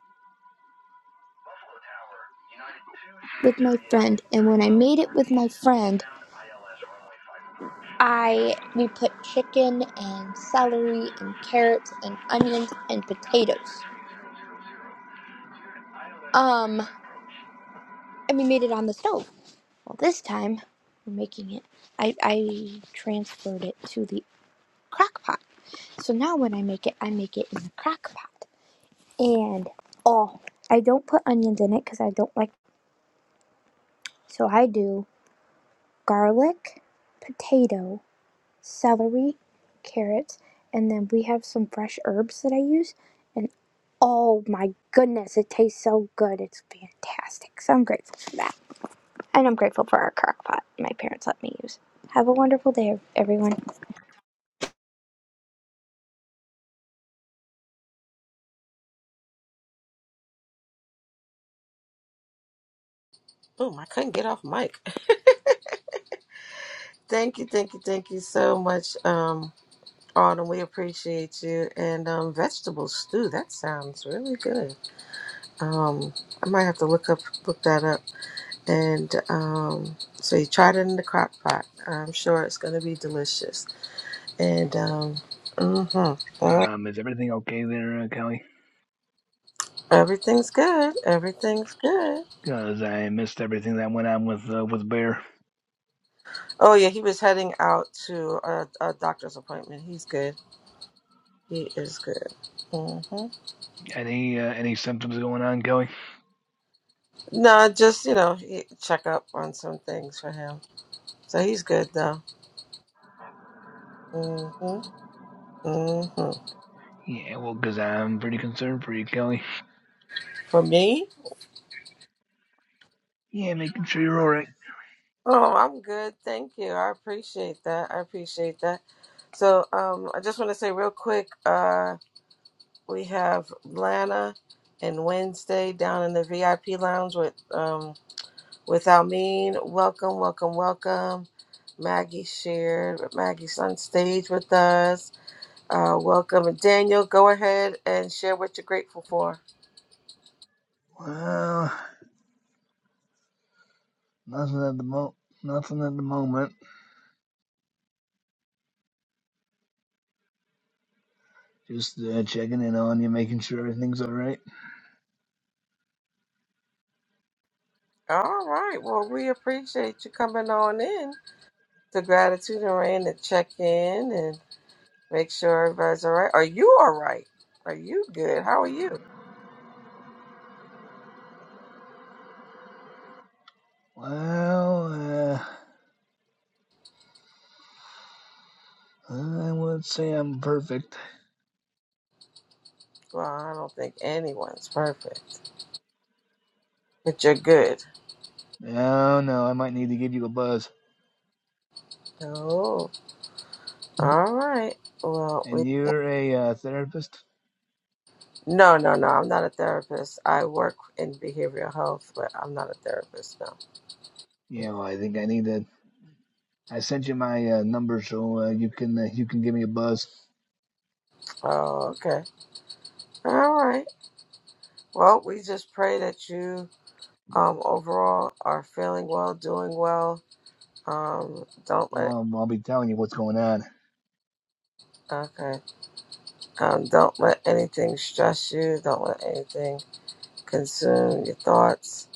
Speaker 5: with my friend, and when I made it with my friend, I we put chicken and celery and carrots and onions and potatoes. Um, and we made it on the stove Well, this time we're making it. I, I transferred it to the crock pot. So now when I make it, I make it in the crock pot. And oh, I don't put onions in it because I don't like. So I do garlic, potato, celery, carrots, and then we have some fresh herbs that I use. And oh my goodness, it tastes so good. It's fantastic. So I'm grateful for that. And I'm grateful for our crock pot my parents let me use. Have a wonderful day, everyone.
Speaker 1: Boom! I couldn't get off mic. (laughs) Thank you, thank you, thank you so much, um, Autumn. We appreciate you. And um, vegetable stew. That sounds really good. Um, I might have to look up, look that up. and um, so you tried it in the crock pot. I'm sure it's going to be delicious. And um, mm-hmm, mm,
Speaker 6: Um, is everything okay there, uh, Kelly?
Speaker 1: everything's good. Everything's good.
Speaker 6: Because I missed everything that went on with uh, with Bear.
Speaker 1: Oh yeah, he was heading out to a, a doctor's appointment. He's good. He is good. hmm
Speaker 6: Any uh, any symptoms going on, Kelly?
Speaker 1: No, just you know, he, check up on some things for him. So he's good though. hmm hmm
Speaker 6: Yeah, well, because I'm pretty concerned for you, Kelly.
Speaker 1: For me.
Speaker 6: Yeah, making sure you're all right.
Speaker 1: Oh, I'm good. Thank you. I appreciate that. I appreciate that. So, um, I just want to say real quick, uh, we have Lana and Wednesday down in the VIP lounge with um with Almeen. Welcome, welcome, welcome. Maggie shared. Maggie's on stage with us. Uh, welcome, and Daniel. Go ahead and share what you're grateful for.
Speaker 6: Well, nothing at the mo, nothing at the moment. Just uh, checking in on you, making sure everything's all right.
Speaker 1: All right. Well, we appreciate you coming on in to Gratitude and Rain to check in Make sure everybody's all right. Are you all right? Are you good? How are you?
Speaker 6: Well, uh, I would say I'm perfect.
Speaker 1: Well, I don't think anyone's perfect, but you're good.
Speaker 6: No, no, I might need to give you a buzz.
Speaker 1: Oh, all right. Well, we
Speaker 6: And you're a uh, therapist?
Speaker 1: no, no, no. I'm not a therapist. I work in behavioral health, but I'm not a therapist. No.
Speaker 6: Yeah, well, I think I need to I sent you my uh, number so uh, you can uh, you can give me a buzz.
Speaker 1: Oh, okay. All right. Well, we just pray that you, um, overall are feeling well, doing well. Um, don't let
Speaker 6: Well, I'll be telling you what's going on.
Speaker 1: okay. Um, don't let anything stress you. Don't let anything consume your thoughts.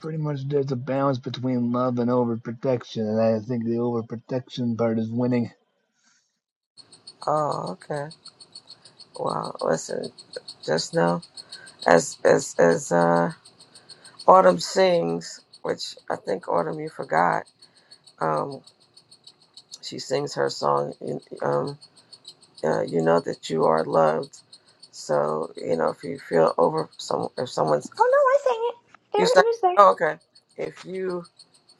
Speaker 6: Pretty much, there's a balance between love and overprotection, and I think the overprotection part is winning.
Speaker 1: Oh, okay. Wow. Listen, just know as as as uh Autumn sings, which I think Autumn you forgot. Um, she sings her song. you- Um, uh, you know that you are loved. So you know if you feel over some if someone's
Speaker 5: There,
Speaker 1: you
Speaker 5: it
Speaker 1: say
Speaker 5: was there.
Speaker 1: oh, okay if you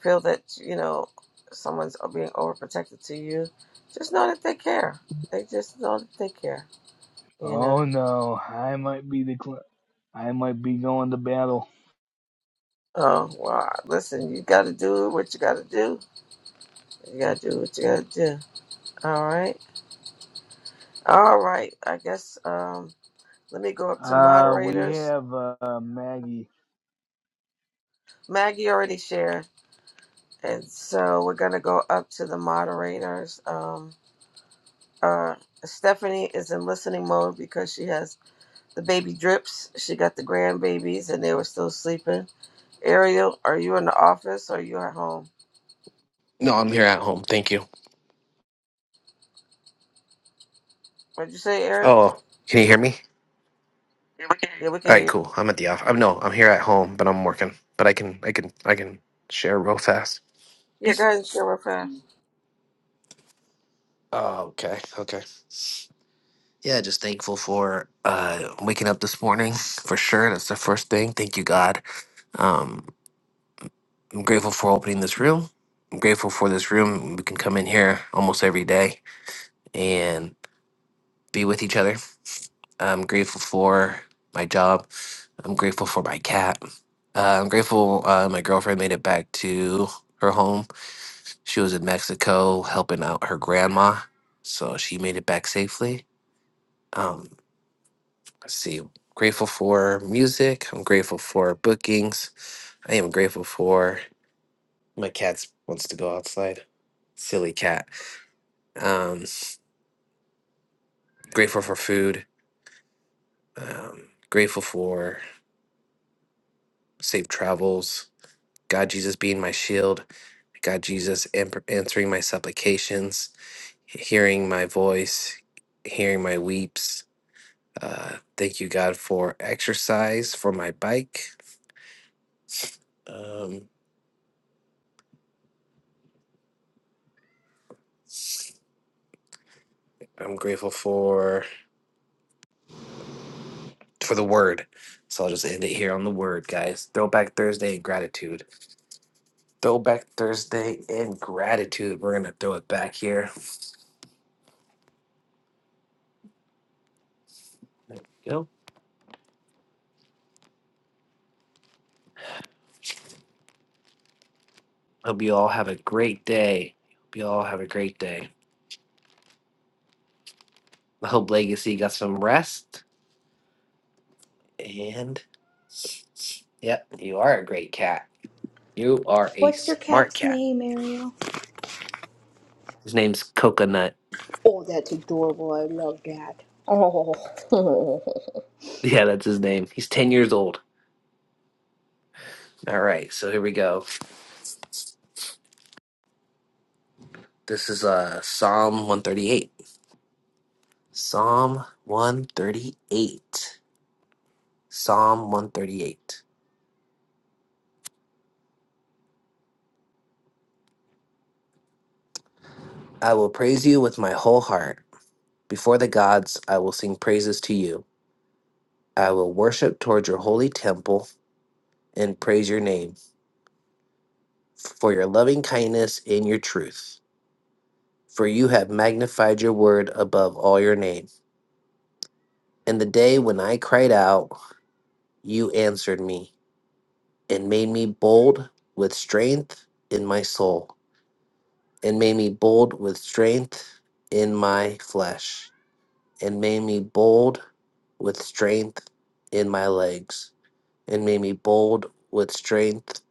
Speaker 1: feel that you know someone's being overprotective to you, just know that they care. They just know that they care. You know.
Speaker 6: Oh no, I might be the cl- I might be going to battle.
Speaker 1: Oh, well, Listen, you got to do what you got to do. You got to do what you got to do. All right. All right. I guess um, let me go up to
Speaker 6: Uh, we
Speaker 1: moderators.
Speaker 6: have uh, Maggie.
Speaker 1: Maggie already shared. And so we're going to go up to the moderators. Um, uh, Stephanie is in listening mode because she has the baby drips. She got the grandbabies and they were still sleeping. Ariel, are you in the office or are you at home?
Speaker 7: No, I'm here at home. Thank you.
Speaker 1: What'd you say, Ariel?
Speaker 7: Oh, can you hear me?
Speaker 1: Yeah, we
Speaker 7: All
Speaker 1: can hear
Speaker 7: right,
Speaker 1: you.
Speaker 7: cool. I'm at the off. no, I'm here at home, but I'm working. But I can, I can, I can share real fast.
Speaker 1: Yeah, go ahead and share real fast.
Speaker 7: Oh, okay, okay. Yeah, just thankful for uh waking up this morning for sure. That's the first thing. Thank you, God. Um, I'm grateful for opening this room. I'm grateful for this room. We can come in here almost every day and be with each other. I'm grateful for my job. I'm grateful for my cat. Uh, I'm grateful uh, my girlfriend made it back to her home. She was in Mexico helping out her grandma, so she made it back safely. Um, let's see. Grateful for music. I'm grateful for bookings. I am grateful for my cat wants to go outside. Silly cat. Um, grateful for food. Um, grateful for safe travels God Jesus being my shield, God Jesus am- answering my supplications, hearing my voice, hearing my weeps. Uh, thank you, God, for exercise for my bike. Um, I'm grateful for for the word. So I'll just end it here on the word, guys. Throwback Thursday and gratitude. Throwback Thursday and gratitude. We're gonna throw it back here. You know, hope you all have a great day. Hope you all have a great day. I hope Legacy got some rest And yep, you are a great cat. You are a
Speaker 5: What's your
Speaker 7: smart
Speaker 5: cat's
Speaker 7: cat.
Speaker 5: name, Ariel?
Speaker 7: His name's Coconut. (laughs) Yeah, that's his name. He's 10 years old. All right, so here we go. This is uh Psalm 138. Psalm 138. Psalm 138. I will praise you with my whole heart. Before the gods, I will sing praises to you. I will worship toward your holy temple and praise your name for your loving kindness and your truth. for you have magnified your word above all your name. In the day when I cried out, you answered me and made me bold with strength in my soul, and made me bold with strength in my flesh, and made me bold with strength in my legs, and made me bold with strength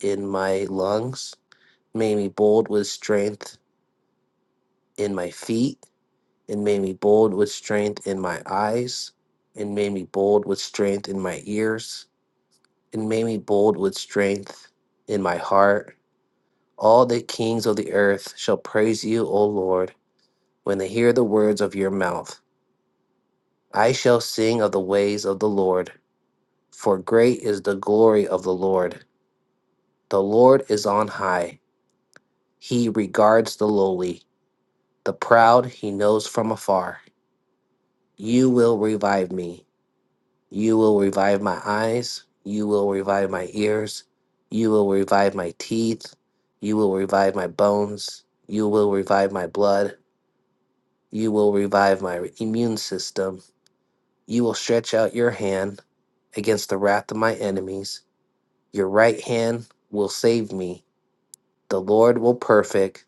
Speaker 7: in my lungs, made me bold with strength in my feet It made me bold with strength in my eyes, It made me bold with strength in my ears, It made me bold with strength in my heart. All the kings of the earth shall praise you, O Lord, when they hear the words of your mouth. I shall sing of the ways of the Lord, for great is the glory of the Lord. The Lord is on high, he regards the lowly, the proud he knows from afar. You will revive me. You will revive my eyes. You will revive my ears. You will revive my teeth. You will revive my bones. You will revive my blood. You will revive my immune system. You will stretch out your hand against the wrath of my enemies. Your right hand will save me. The Lord will perfect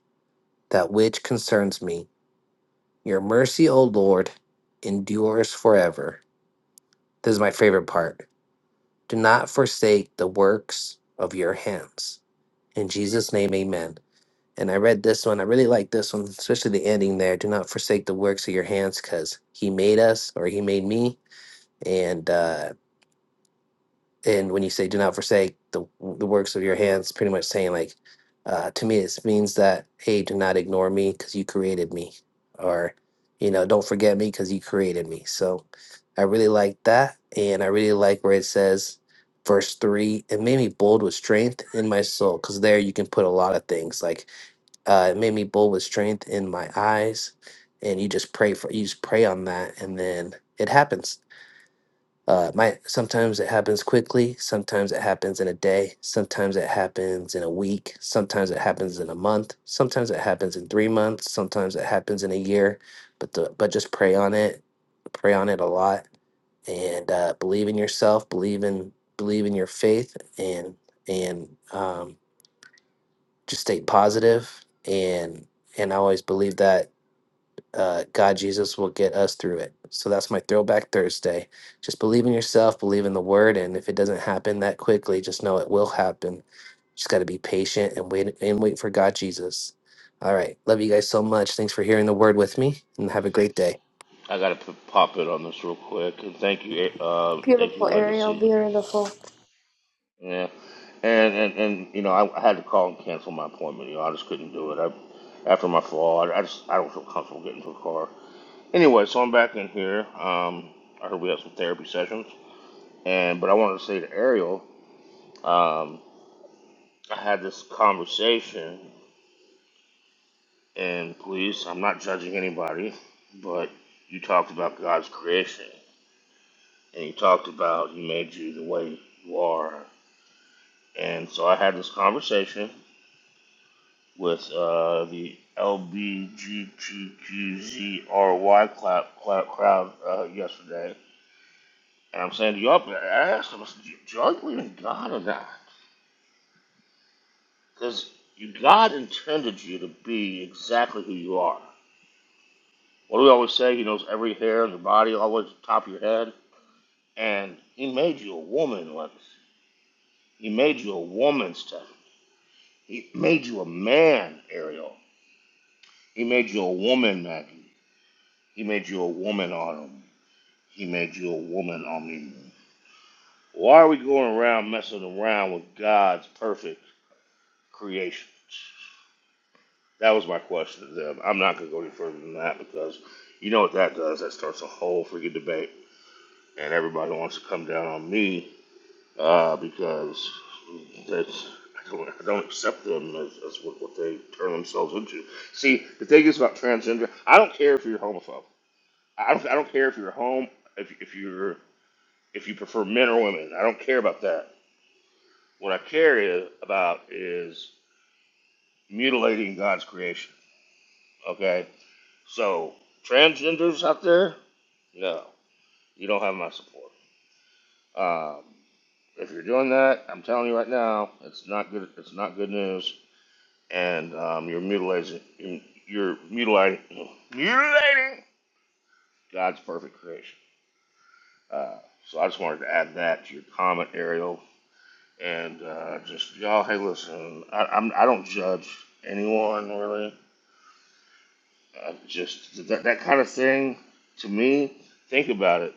Speaker 7: that which concerns me. Your mercy, O Lord, endures forever. This is my favorite part Do not forsake the works of your hands. In Jesus' name, amen. And I read this one. I really like this one, especially the ending there. Do not forsake the works of your hands because he made us or he made me. And uh, and when you say do not forsake the the works of your hands pretty much saying like uh, to me it means that hey do not ignore me because you created me or you know don't forget me because you created me so i really like that and i really like where it says verse 3 it made me bold with strength in my soul because there you can put a lot of things like uh, it made me bold with strength in my eyes and you just pray for you just pray on that and then it happens uh, it might sometimes it happens quickly, sometimes it happens in a day, sometimes it happens in a week, sometimes it happens in a month, sometimes it happens in three months, sometimes it happens in a year. But the but just pray on it, pray on it a lot, and uh, believe in yourself, believe in believe in your faith, and and um, just stay positive. And and I always believe that uh, God Jesus will get us through it. So that's my Throwback Thursday. Just believe in yourself, believe in the Word, and if it doesn't happen that quickly, just know it will happen. Just got to be patient and wait and wait for God Jesus. All right, love you guys so much. Thanks for hearing the Word with me, and have a great day.
Speaker 4: I gotta put, pop it on this real quick, and thank you, uh, thank you,
Speaker 5: Beautiful, Ariel.
Speaker 4: Legacy.
Speaker 5: Beautiful.
Speaker 4: Yeah, and and, and you know, I, I had to call and cancel my appointment. You know, I just couldn't do it. I, after my fall, I, I just I don't feel comfortable getting to a car. Anyway, so I'm back in here. Um, I heard we have some therapy sessions, and but I wanted to say to Ariel, um, I had this conversation, and please, I'm not judging anybody, but you talked about God's creation, and you talked about He made you the way you are And so I had this conversation with uh, the LBGTQZRY clap, clap crowd uh, yesterday. And I'm saying, do y'all, I asked them, I said, do y'all believe in God or not? Because God intended you to be exactly who you are. What do we always say? He knows every hair on your body, all the way to the top of your head. And He made you a woman, Levis. He made you a woman, Stephen. He made you a man, Ariel. He made you a woman, Maggie. He made you a woman on him. He made you a woman on me. Why are we going around messing around with God's perfect creation? That was my question to them. I'm not going to go any further than that because you know what that does. That starts a whole freaking debate, and everybody wants to come down on me uh, because that's. I don't I don't accept them as, as what, what they turn themselves into. See, the thing is about transgender. I don't care if you're homophobe. I don't, I don't care if you're home if, if you're if you prefer men or women. I don't care about that. What I care is, about is mutilating God's creation. Okay? So, transgenders out there, no, you don't have my support. Um, if you're doing that, I'm telling you right now, it's not good. It's not good news, and um, you're mutilating. You're mutilating. Mutilating God's perfect creation. Uh, so I just wanted to add that to your comment, Ariel. and uh, just y'all. Hey, listen, I, I'm I don't judge anyone really. I just that that kind of thing to me. Think about it.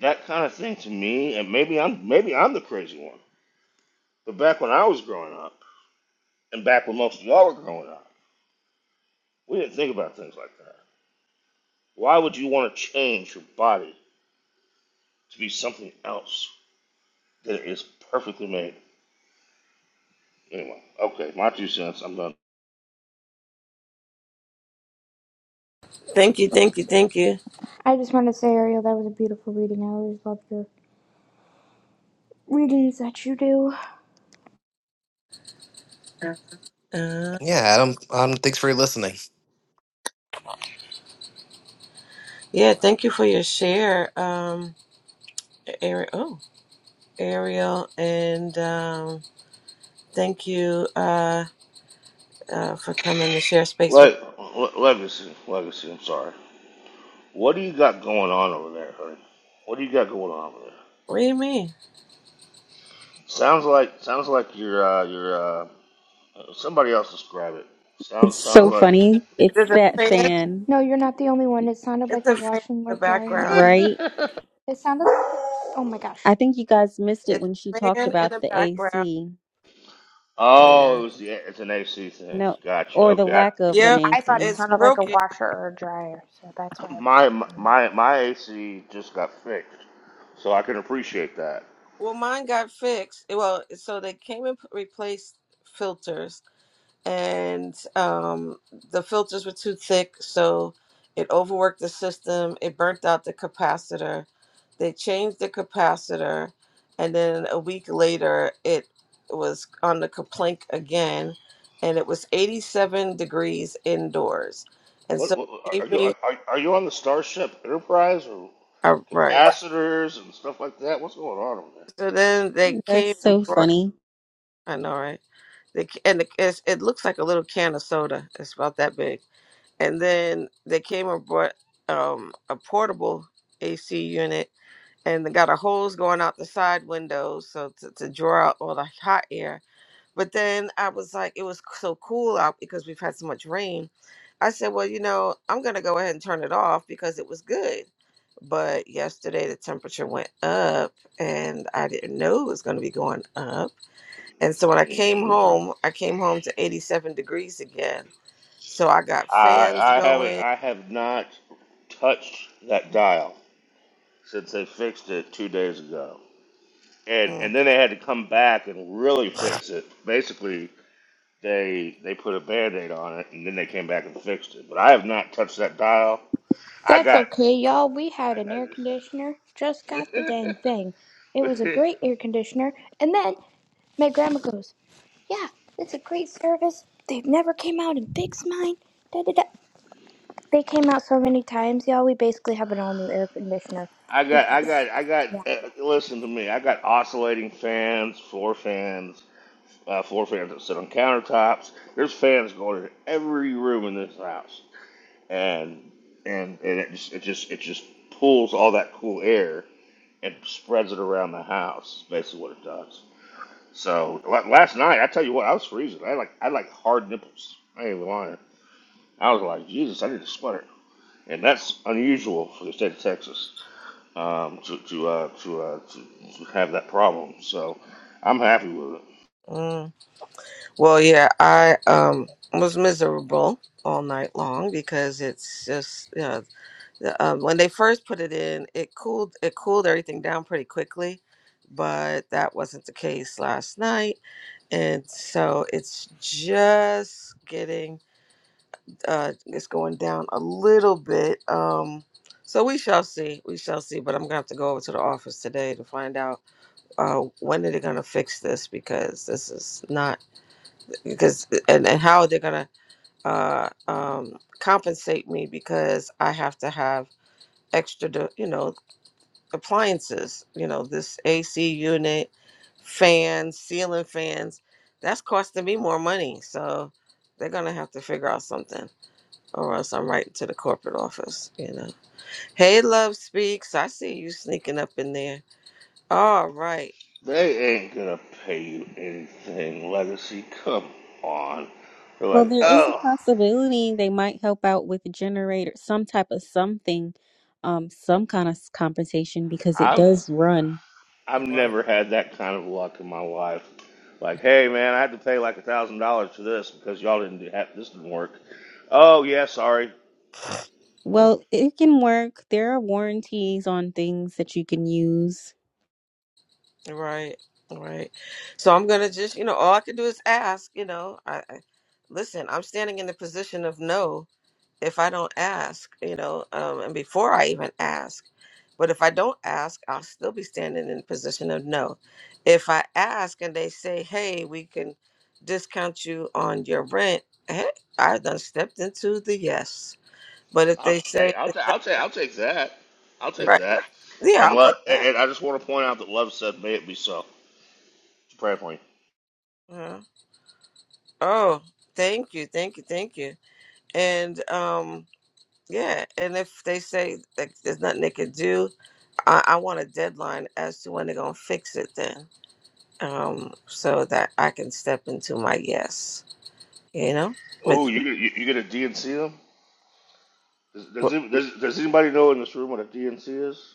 Speaker 4: That kind of thing to me, and maybe I'm maybe I'm the crazy one. But back when I was growing up, and back when most of y'all were growing up, we didn't think about things like that. Why would you want to change your body to be something else that is perfectly made? Anyway, okay, my two cents. I'm done.
Speaker 1: Thank you. Thank you. Thank you.
Speaker 5: I just want to say, Ariel, that was a beautiful reading. I always love your readings that you do.
Speaker 1: Uh,
Speaker 7: Yeah, Adam. Um, thanks for listening.
Speaker 1: yeah, thank you for your share, um, Ariel. Oh, Ariel, and um, thank you uh, uh, for coming to share space with.
Speaker 4: Le- le- legacy, legacy. I'm sorry. What do you got going on over there, honey? What do you got going on over there?
Speaker 1: What do you mean?
Speaker 4: Sounds like sounds like you're uh, you're uh, somebody else describe it.
Speaker 2: It's
Speaker 4: Sounds sounds
Speaker 2: so
Speaker 4: like
Speaker 2: funny. It's
Speaker 1: There's a
Speaker 2: that
Speaker 1: fan.
Speaker 2: fan,
Speaker 5: No, you're not the only one. It sounded
Speaker 1: It's
Speaker 5: like a
Speaker 1: a fan
Speaker 5: washing
Speaker 1: in the
Speaker 5: or dryer
Speaker 1: background.
Speaker 5: machine.
Speaker 2: right?
Speaker 4: (laughs)
Speaker 5: It sounded like. Oh my gosh.
Speaker 2: I think you guys missed it
Speaker 1: It's
Speaker 2: when she
Speaker 1: a
Speaker 2: talked
Speaker 1: fan in
Speaker 2: about
Speaker 1: the
Speaker 2: the
Speaker 1: background.
Speaker 2: AC.
Speaker 4: oh,
Speaker 1: Yeah.
Speaker 4: it was the it's an AC thing.
Speaker 2: No,
Speaker 4: Gotcha.
Speaker 2: or the
Speaker 4: Okay, I,
Speaker 2: lack of an
Speaker 1: Yep.
Speaker 5: I thought it
Speaker 2: AC.
Speaker 1: It's
Speaker 5: sounded like a
Speaker 1: broken.
Speaker 5: washer or a dryer, so that's why I didn't
Speaker 4: my
Speaker 5: say that.
Speaker 4: my my AC just got fixed, so I can appreciate that.
Speaker 1: Well, mine got fixed. Well, so they came and p- replaced filters and um, the filters were too thick, so it overworked the system. It burnt out the capacitor. They changed the capacitor, and then a week later, it was on the complaint again, and it was 87 degrees indoors. And so
Speaker 4: What, what
Speaker 1: they
Speaker 4: are
Speaker 1: gave
Speaker 4: you
Speaker 1: me
Speaker 4: are, are you on the Starship Enterprise or
Speaker 1: a right.
Speaker 4: capacitors and stuff like that? What's going on over
Speaker 1: So then they came
Speaker 2: That's
Speaker 1: and
Speaker 2: so
Speaker 1: brought.
Speaker 2: funny.
Speaker 1: I know, right? They, ca- and it, it's- it looks like a little can of soda. It's about that big And then they came and brought um, a portable AC unit and they got a hose going out the side windows so to, to draw out all the hot air. But then I was like, it was c- so cool out because we've had so much rain. I said, well, you know, I'm gonna go ahead and turn it off because it was good. But yesterday the temperature went up and I didn't know it was gonna be going up and so when I came
Speaker 4: there?
Speaker 1: home, I came home to 87 degrees again. So I got fans
Speaker 4: I I haven't
Speaker 1: going.
Speaker 4: I have not touched that dial since they fixed it two days ago. And
Speaker 1: Mm,
Speaker 4: and then they had to come back and really fix it. Basically they they put a band aid on it and then they came back and fixed it. But I have not touched that dial. I
Speaker 5: That's
Speaker 4: got
Speaker 5: okay, y'all. We had an air
Speaker 4: I,
Speaker 5: conditioner. Just got the dang thing. It was a
Speaker 4: I
Speaker 5: great
Speaker 4: (laughs)
Speaker 5: air conditioner. And then my grandma goes, Yeah, it's a great service. They've never came out and fixed mine. Da, da, da. They came out so many times, y'all. We basically have an all new air conditioner.
Speaker 4: I got I
Speaker 5: Because,
Speaker 4: got I got
Speaker 5: yeah.
Speaker 4: uh, listen to me. I got oscillating fans, floor fans, uh, floor fans that sit on countertops. There's fans going in every room in this house. and and, and it just it just it just pulls all that cool air and spreads it around the house. Is basically, what it does. So la- last night, I tell you what, I was freezing. I had like I had like hard nipples. I ain't even lying. I was like, Jesus, I need a sweater, and that's unusual for the state of Texas um, to to, uh, to, uh, to to have that problem. So I'm happy with it.
Speaker 1: mm. Well, yeah, I um was miserable all night long because it's just you know the, um, when they first put it in, it cooled it cooled everything down pretty quickly, but that wasn't the case last night, and so it's just getting uh, it's going down a little bit. Um, so we shall see. We shall see. But I'm gonna have to go over to the office today to find out uh, when are they gonna fix this because this is not because and, and how they're gonna uh, um, compensate me because I have to have extra, de- you know, appliances. You know, this AC unit, fans, ceiling fans. That's costing me more money. So they're gonna have to figure out something or else I'm writing to the corporate office, you know. Hey, Love Speaks. I see you sneaking up in there. All right.
Speaker 4: They ain't gonna pay you anything, Legacy. Come on. They're
Speaker 2: Well,
Speaker 4: like,
Speaker 2: there is a
Speaker 4: oh,
Speaker 2: possibility they might help out with generator, some type of something, um, some kind of compensation because it
Speaker 4: I'm
Speaker 2: does run.
Speaker 4: I've
Speaker 1: Right.
Speaker 4: never had that kind of luck in my life. Like, hey man, I had to pay like a thousand dollars for this because y'all didn't do ha this didn't work. Oh yeah, sorry.
Speaker 1: Mm,
Speaker 2: Well, it can work. There are warranties on things that you can use.
Speaker 1: Right. Right. So I'm going to just, you know, all I can do is ask, you know. I, I Listen, I'm standing in the position of no. if I don't ask, you know, um, and before I even ask, but if I don't ask, I'll still be standing in the position of no. If I ask and they say, hey, we can discount you on your rent, hey, I done stepped into the yes. But if
Speaker 4: I'll,
Speaker 1: they
Speaker 4: hey,
Speaker 1: say
Speaker 4: I'll,
Speaker 1: it's
Speaker 4: ta-
Speaker 1: not
Speaker 4: I'll, ta- I'll take that. I'll take
Speaker 1: right,
Speaker 4: that.
Speaker 1: yeah,
Speaker 4: And
Speaker 1: I'll take
Speaker 4: love, and
Speaker 1: that.
Speaker 4: and I just want to point out that love said, "May it be so." Pray for me.
Speaker 1: Uh-huh. Oh, thank you, thank you, thank you. And um, yeah, and if they say like there's nothing they can do, I, I want a deadline as to when they're gonna fix it then um, so that I can step into my yes. You know,
Speaker 4: Oh,
Speaker 1: with,
Speaker 4: you you, you get a DNC them? Does does,
Speaker 1: with
Speaker 4: it, does does anybody know in this room what a DNC is?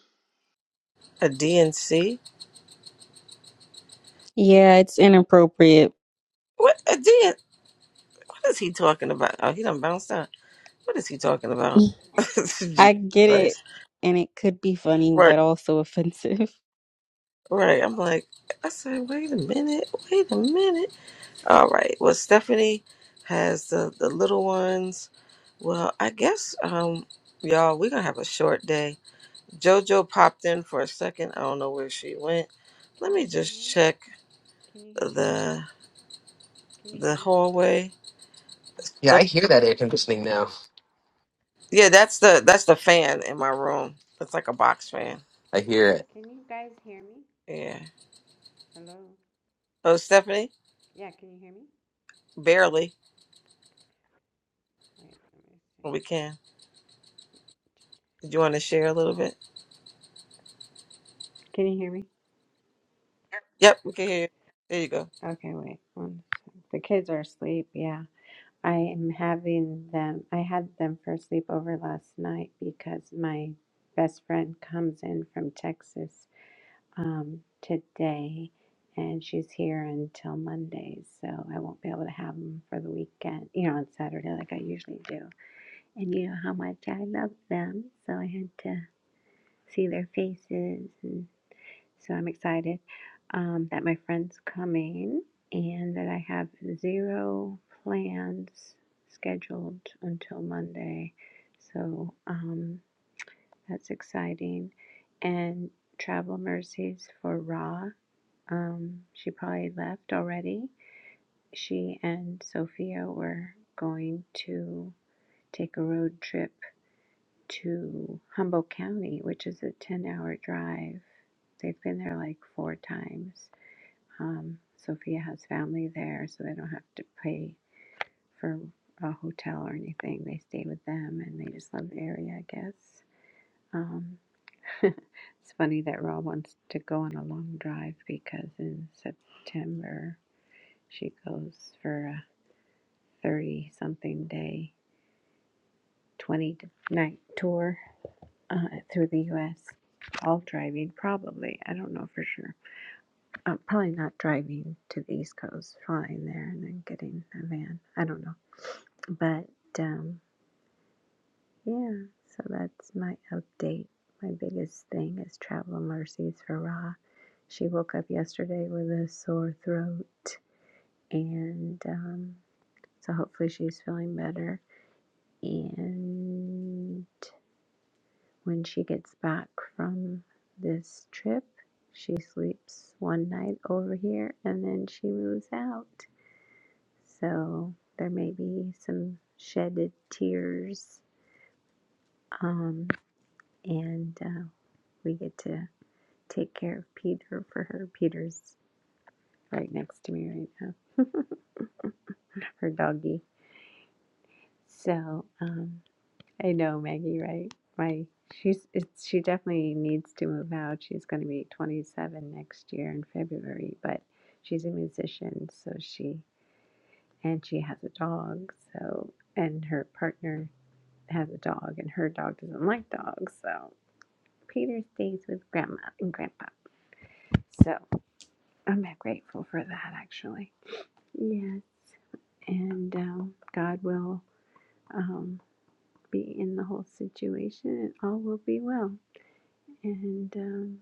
Speaker 1: a DNC.
Speaker 2: Yeah, it's inappropriate.
Speaker 1: What a DN? What is he talking about? Oh, he done bounced out. What is he talking about?
Speaker 2: (laughs)
Speaker 1: (laughs) Jesus
Speaker 2: I get it,
Speaker 1: Christ!
Speaker 2: and it could be funny,
Speaker 1: Right,
Speaker 2: but also (laughs) offensive.
Speaker 1: right. I'm like, I said, wait a minute, wait a minute. All right. Well, Stephanie has the the little ones. Well, I guess um, y'all, we're gonna have a short day. JoJo popped in for a second. I don't know where she went. Let
Speaker 8: Can
Speaker 1: me
Speaker 8: you hear
Speaker 1: just
Speaker 8: me?
Speaker 1: check
Speaker 8: Can you hear me?
Speaker 1: the
Speaker 8: Can you
Speaker 1: the
Speaker 8: hear me?
Speaker 1: hallway.
Speaker 7: Yeah, I
Speaker 1: The,
Speaker 7: hear that air conditioning now.
Speaker 1: yeah, that's the that's the fan in my room. It's like a box fan.
Speaker 7: I hear it.
Speaker 8: Can you guys hear me?
Speaker 1: Yeah.
Speaker 8: Hello?
Speaker 1: Oh, Stephanie,
Speaker 8: Yeah, can you hear me?
Speaker 1: barely.
Speaker 8: Wait, let me see.
Speaker 1: We can. Did you want to share a little bit?
Speaker 8: Can you hear me?
Speaker 1: Yep, we can hear. You. There you go.
Speaker 8: Okay, wait. One second. The kids are asleep. Yeah. I am having them. I had them for sleepover last night because my best friend comes in from Texas um, today and she's here until Monday. So I won't be able to have them for the weekend, you know, on Saturday like I usually do. I knew how much I loved them, so I had to see their faces. And so I'm excited um, that my friend's coming and that I have zero plans scheduled until Monday. So um, that's exciting. And travel mercies for Ra. Um, she probably left already. She and Sophia were going to take a road trip to Humboldt County, which is a 10 hour drive. They've been there like four times. Um, Sophia has family there, so they don't have to pay for a hotel or anything. They stay with them and they just love the area, I guess. Um, (laughs) it's funny that Ra wants to go on a long drive because in September she goes for a 30 something day, 20 night tour uh, through the U.S. All driving, probably. I don't know for sure. Uh, probably not driving to the East Coast, flying there and then getting a van. I don't know. But um, yeah, so that's my update. My biggest thing is travel mercies for Ra. She woke up yesterday with a sore throat, and um, so hopefully she's feeling better. And When she gets back from this trip, she sleeps one night over here and then she moves out. So there may be some shedded tears. Um, and uh, we get to take care of Peter for her. Peter's right next to me right now, (laughs) her doggy. So, um, I know Maggie, right? My she's it's she definitely needs to move out. She's going to be 27 next year in February, but she's a musician, so she and she has a dog, so and her partner has a dog and her dog doesn't like dogs, so Peter stays with grandma and grandpa. So, I'm grateful for that actually. Yes. And um, God will um, be in the whole situation and all will be well. And um,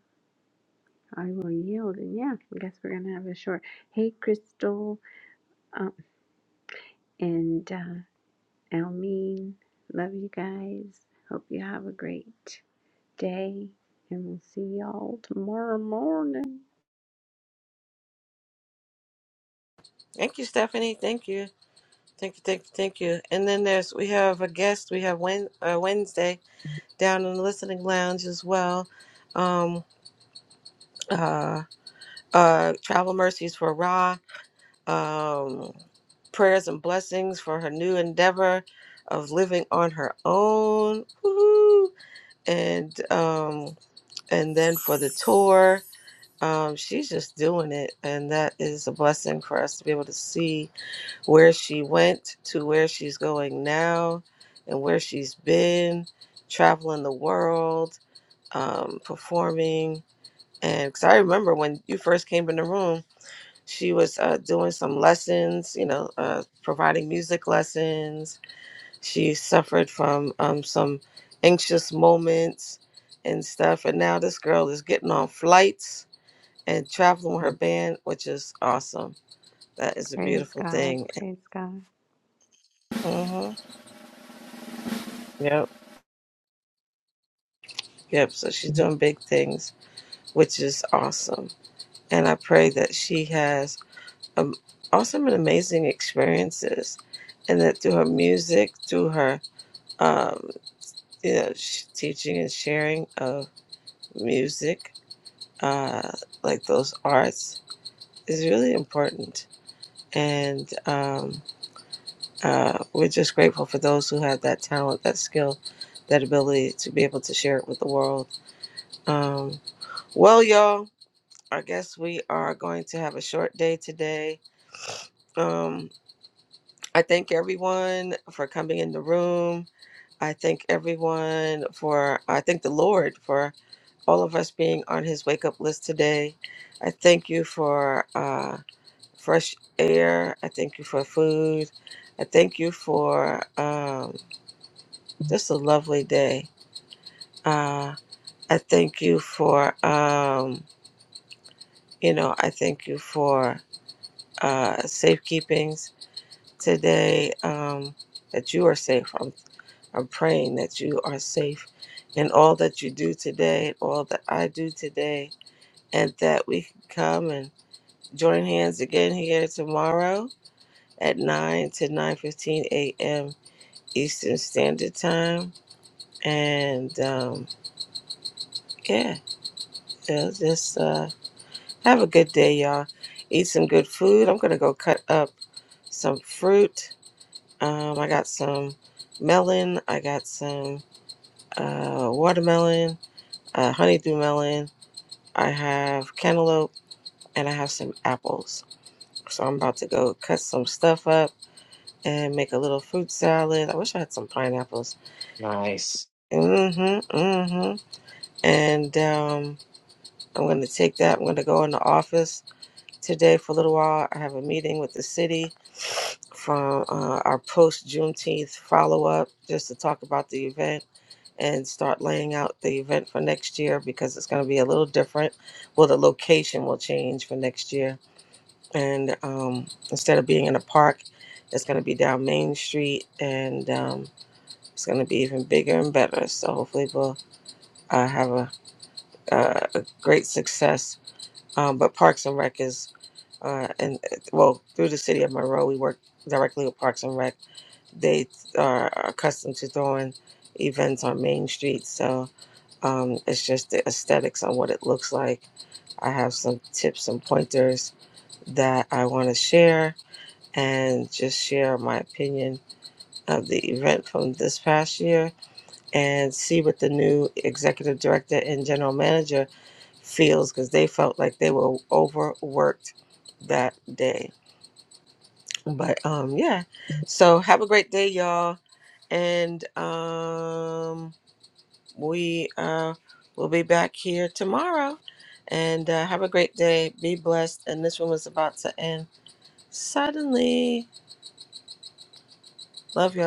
Speaker 8: I will yield. And yeah, I guess we're going to have a short. Hey, Crystal um, and uh, Almeen. Love you guys. Hope you have a great day. And we'll see y'all tomorrow morning.
Speaker 1: Thank you, Stephanie. Thank you. Thank you. Thank you. Thank you. And then there's we have a guest. We have Wen, uh, Wednesday down in the listening lounge as well. Um. Uh. Uh. Travel mercies for Ra. um, prayers and blessings for her new endeavor of living on her own. Woohoo! And um, and then for the tour, um, she's just doing it, and that is a blessing for us to be able to see where she went to where she's going now, and where she's been traveling the world, um, performing. And because I remember when you first came in the room, she was uh, doing some lessons, you know, uh, providing music lessons. She suffered from um, some anxious moments and stuff. And now this girl is getting on flights and traveling with her band, which is awesome. That is a
Speaker 8: Praise
Speaker 1: beautiful
Speaker 8: God.
Speaker 1: thing.
Speaker 8: Praise God.
Speaker 1: hmm Yep. Yep. So she's doing big things, which is awesome. And I pray that she has um, awesome and amazing experiences and that through her music, through her. um. yeah, sh- teaching and sharing of music, uh, like those arts, is really important. And um, uh, we're just grateful for those who have that talent, that skill, that ability to be able to share it with the world. Um, well, y'all, I guess we are going to have a short day today. Um, I thank everyone for coming in the room. I thank everyone for, I thank the Lord for all of us being on his wake up list today. I thank you for uh, fresh air. I thank you for food. I thank you for um, just a lovely day. Uh, I thank you for, um, you know, I thank you for uh, safekeepings today, um, that you are safe. I'm, I'm praying that you are safe in all that you do today, all that I do today, and that we can come and Join hands again here tomorrow at 9 to 9.15 a.m. Eastern Standard Time. And um, yeah, so just uh, have a good day, y'all. Eat some good food. I'm going to go cut up some fruit. Um, I got some melon. I got some uh, watermelon, uh, honeydew melon. I have cantaloupe and I have some apples. So I'm about to go cut some stuff up and make a little fruit salad. I wish I had some pineapples.
Speaker 7: Nice.
Speaker 1: Mm-hmm, mm-hmm. And um, I'm going to take that. I'm going to go in the office today for a little while. I have a meeting with the city from uh, our post Juneteenth follow up just to talk about the event and start laying out the event for next year because it's going to be a little different. Well, the location will change for next year. And um, instead of being in a park, it's going to be down Main Street and. Um, It's going to be even bigger and better. So hopefully we'll uh, have a, uh, a great success. Um, but Parks and Rec is, uh, and well, through the city of Monroe, we work directly with Parks and Rec. They are accustomed to throwing events on Main Street. So um, it's just the aesthetics on what it looks like. I have some tips and pointers that I want to share and just share my opinion of the event from this past year and see what the new executive director and general manager feels because they felt like they were overworked that day. But um, yeah, so have a great day, y'all, and um, we uh, will be back here tomorrow. And uh, have a great day. Be blessed. And this one was about to end suddenly. Love y'all.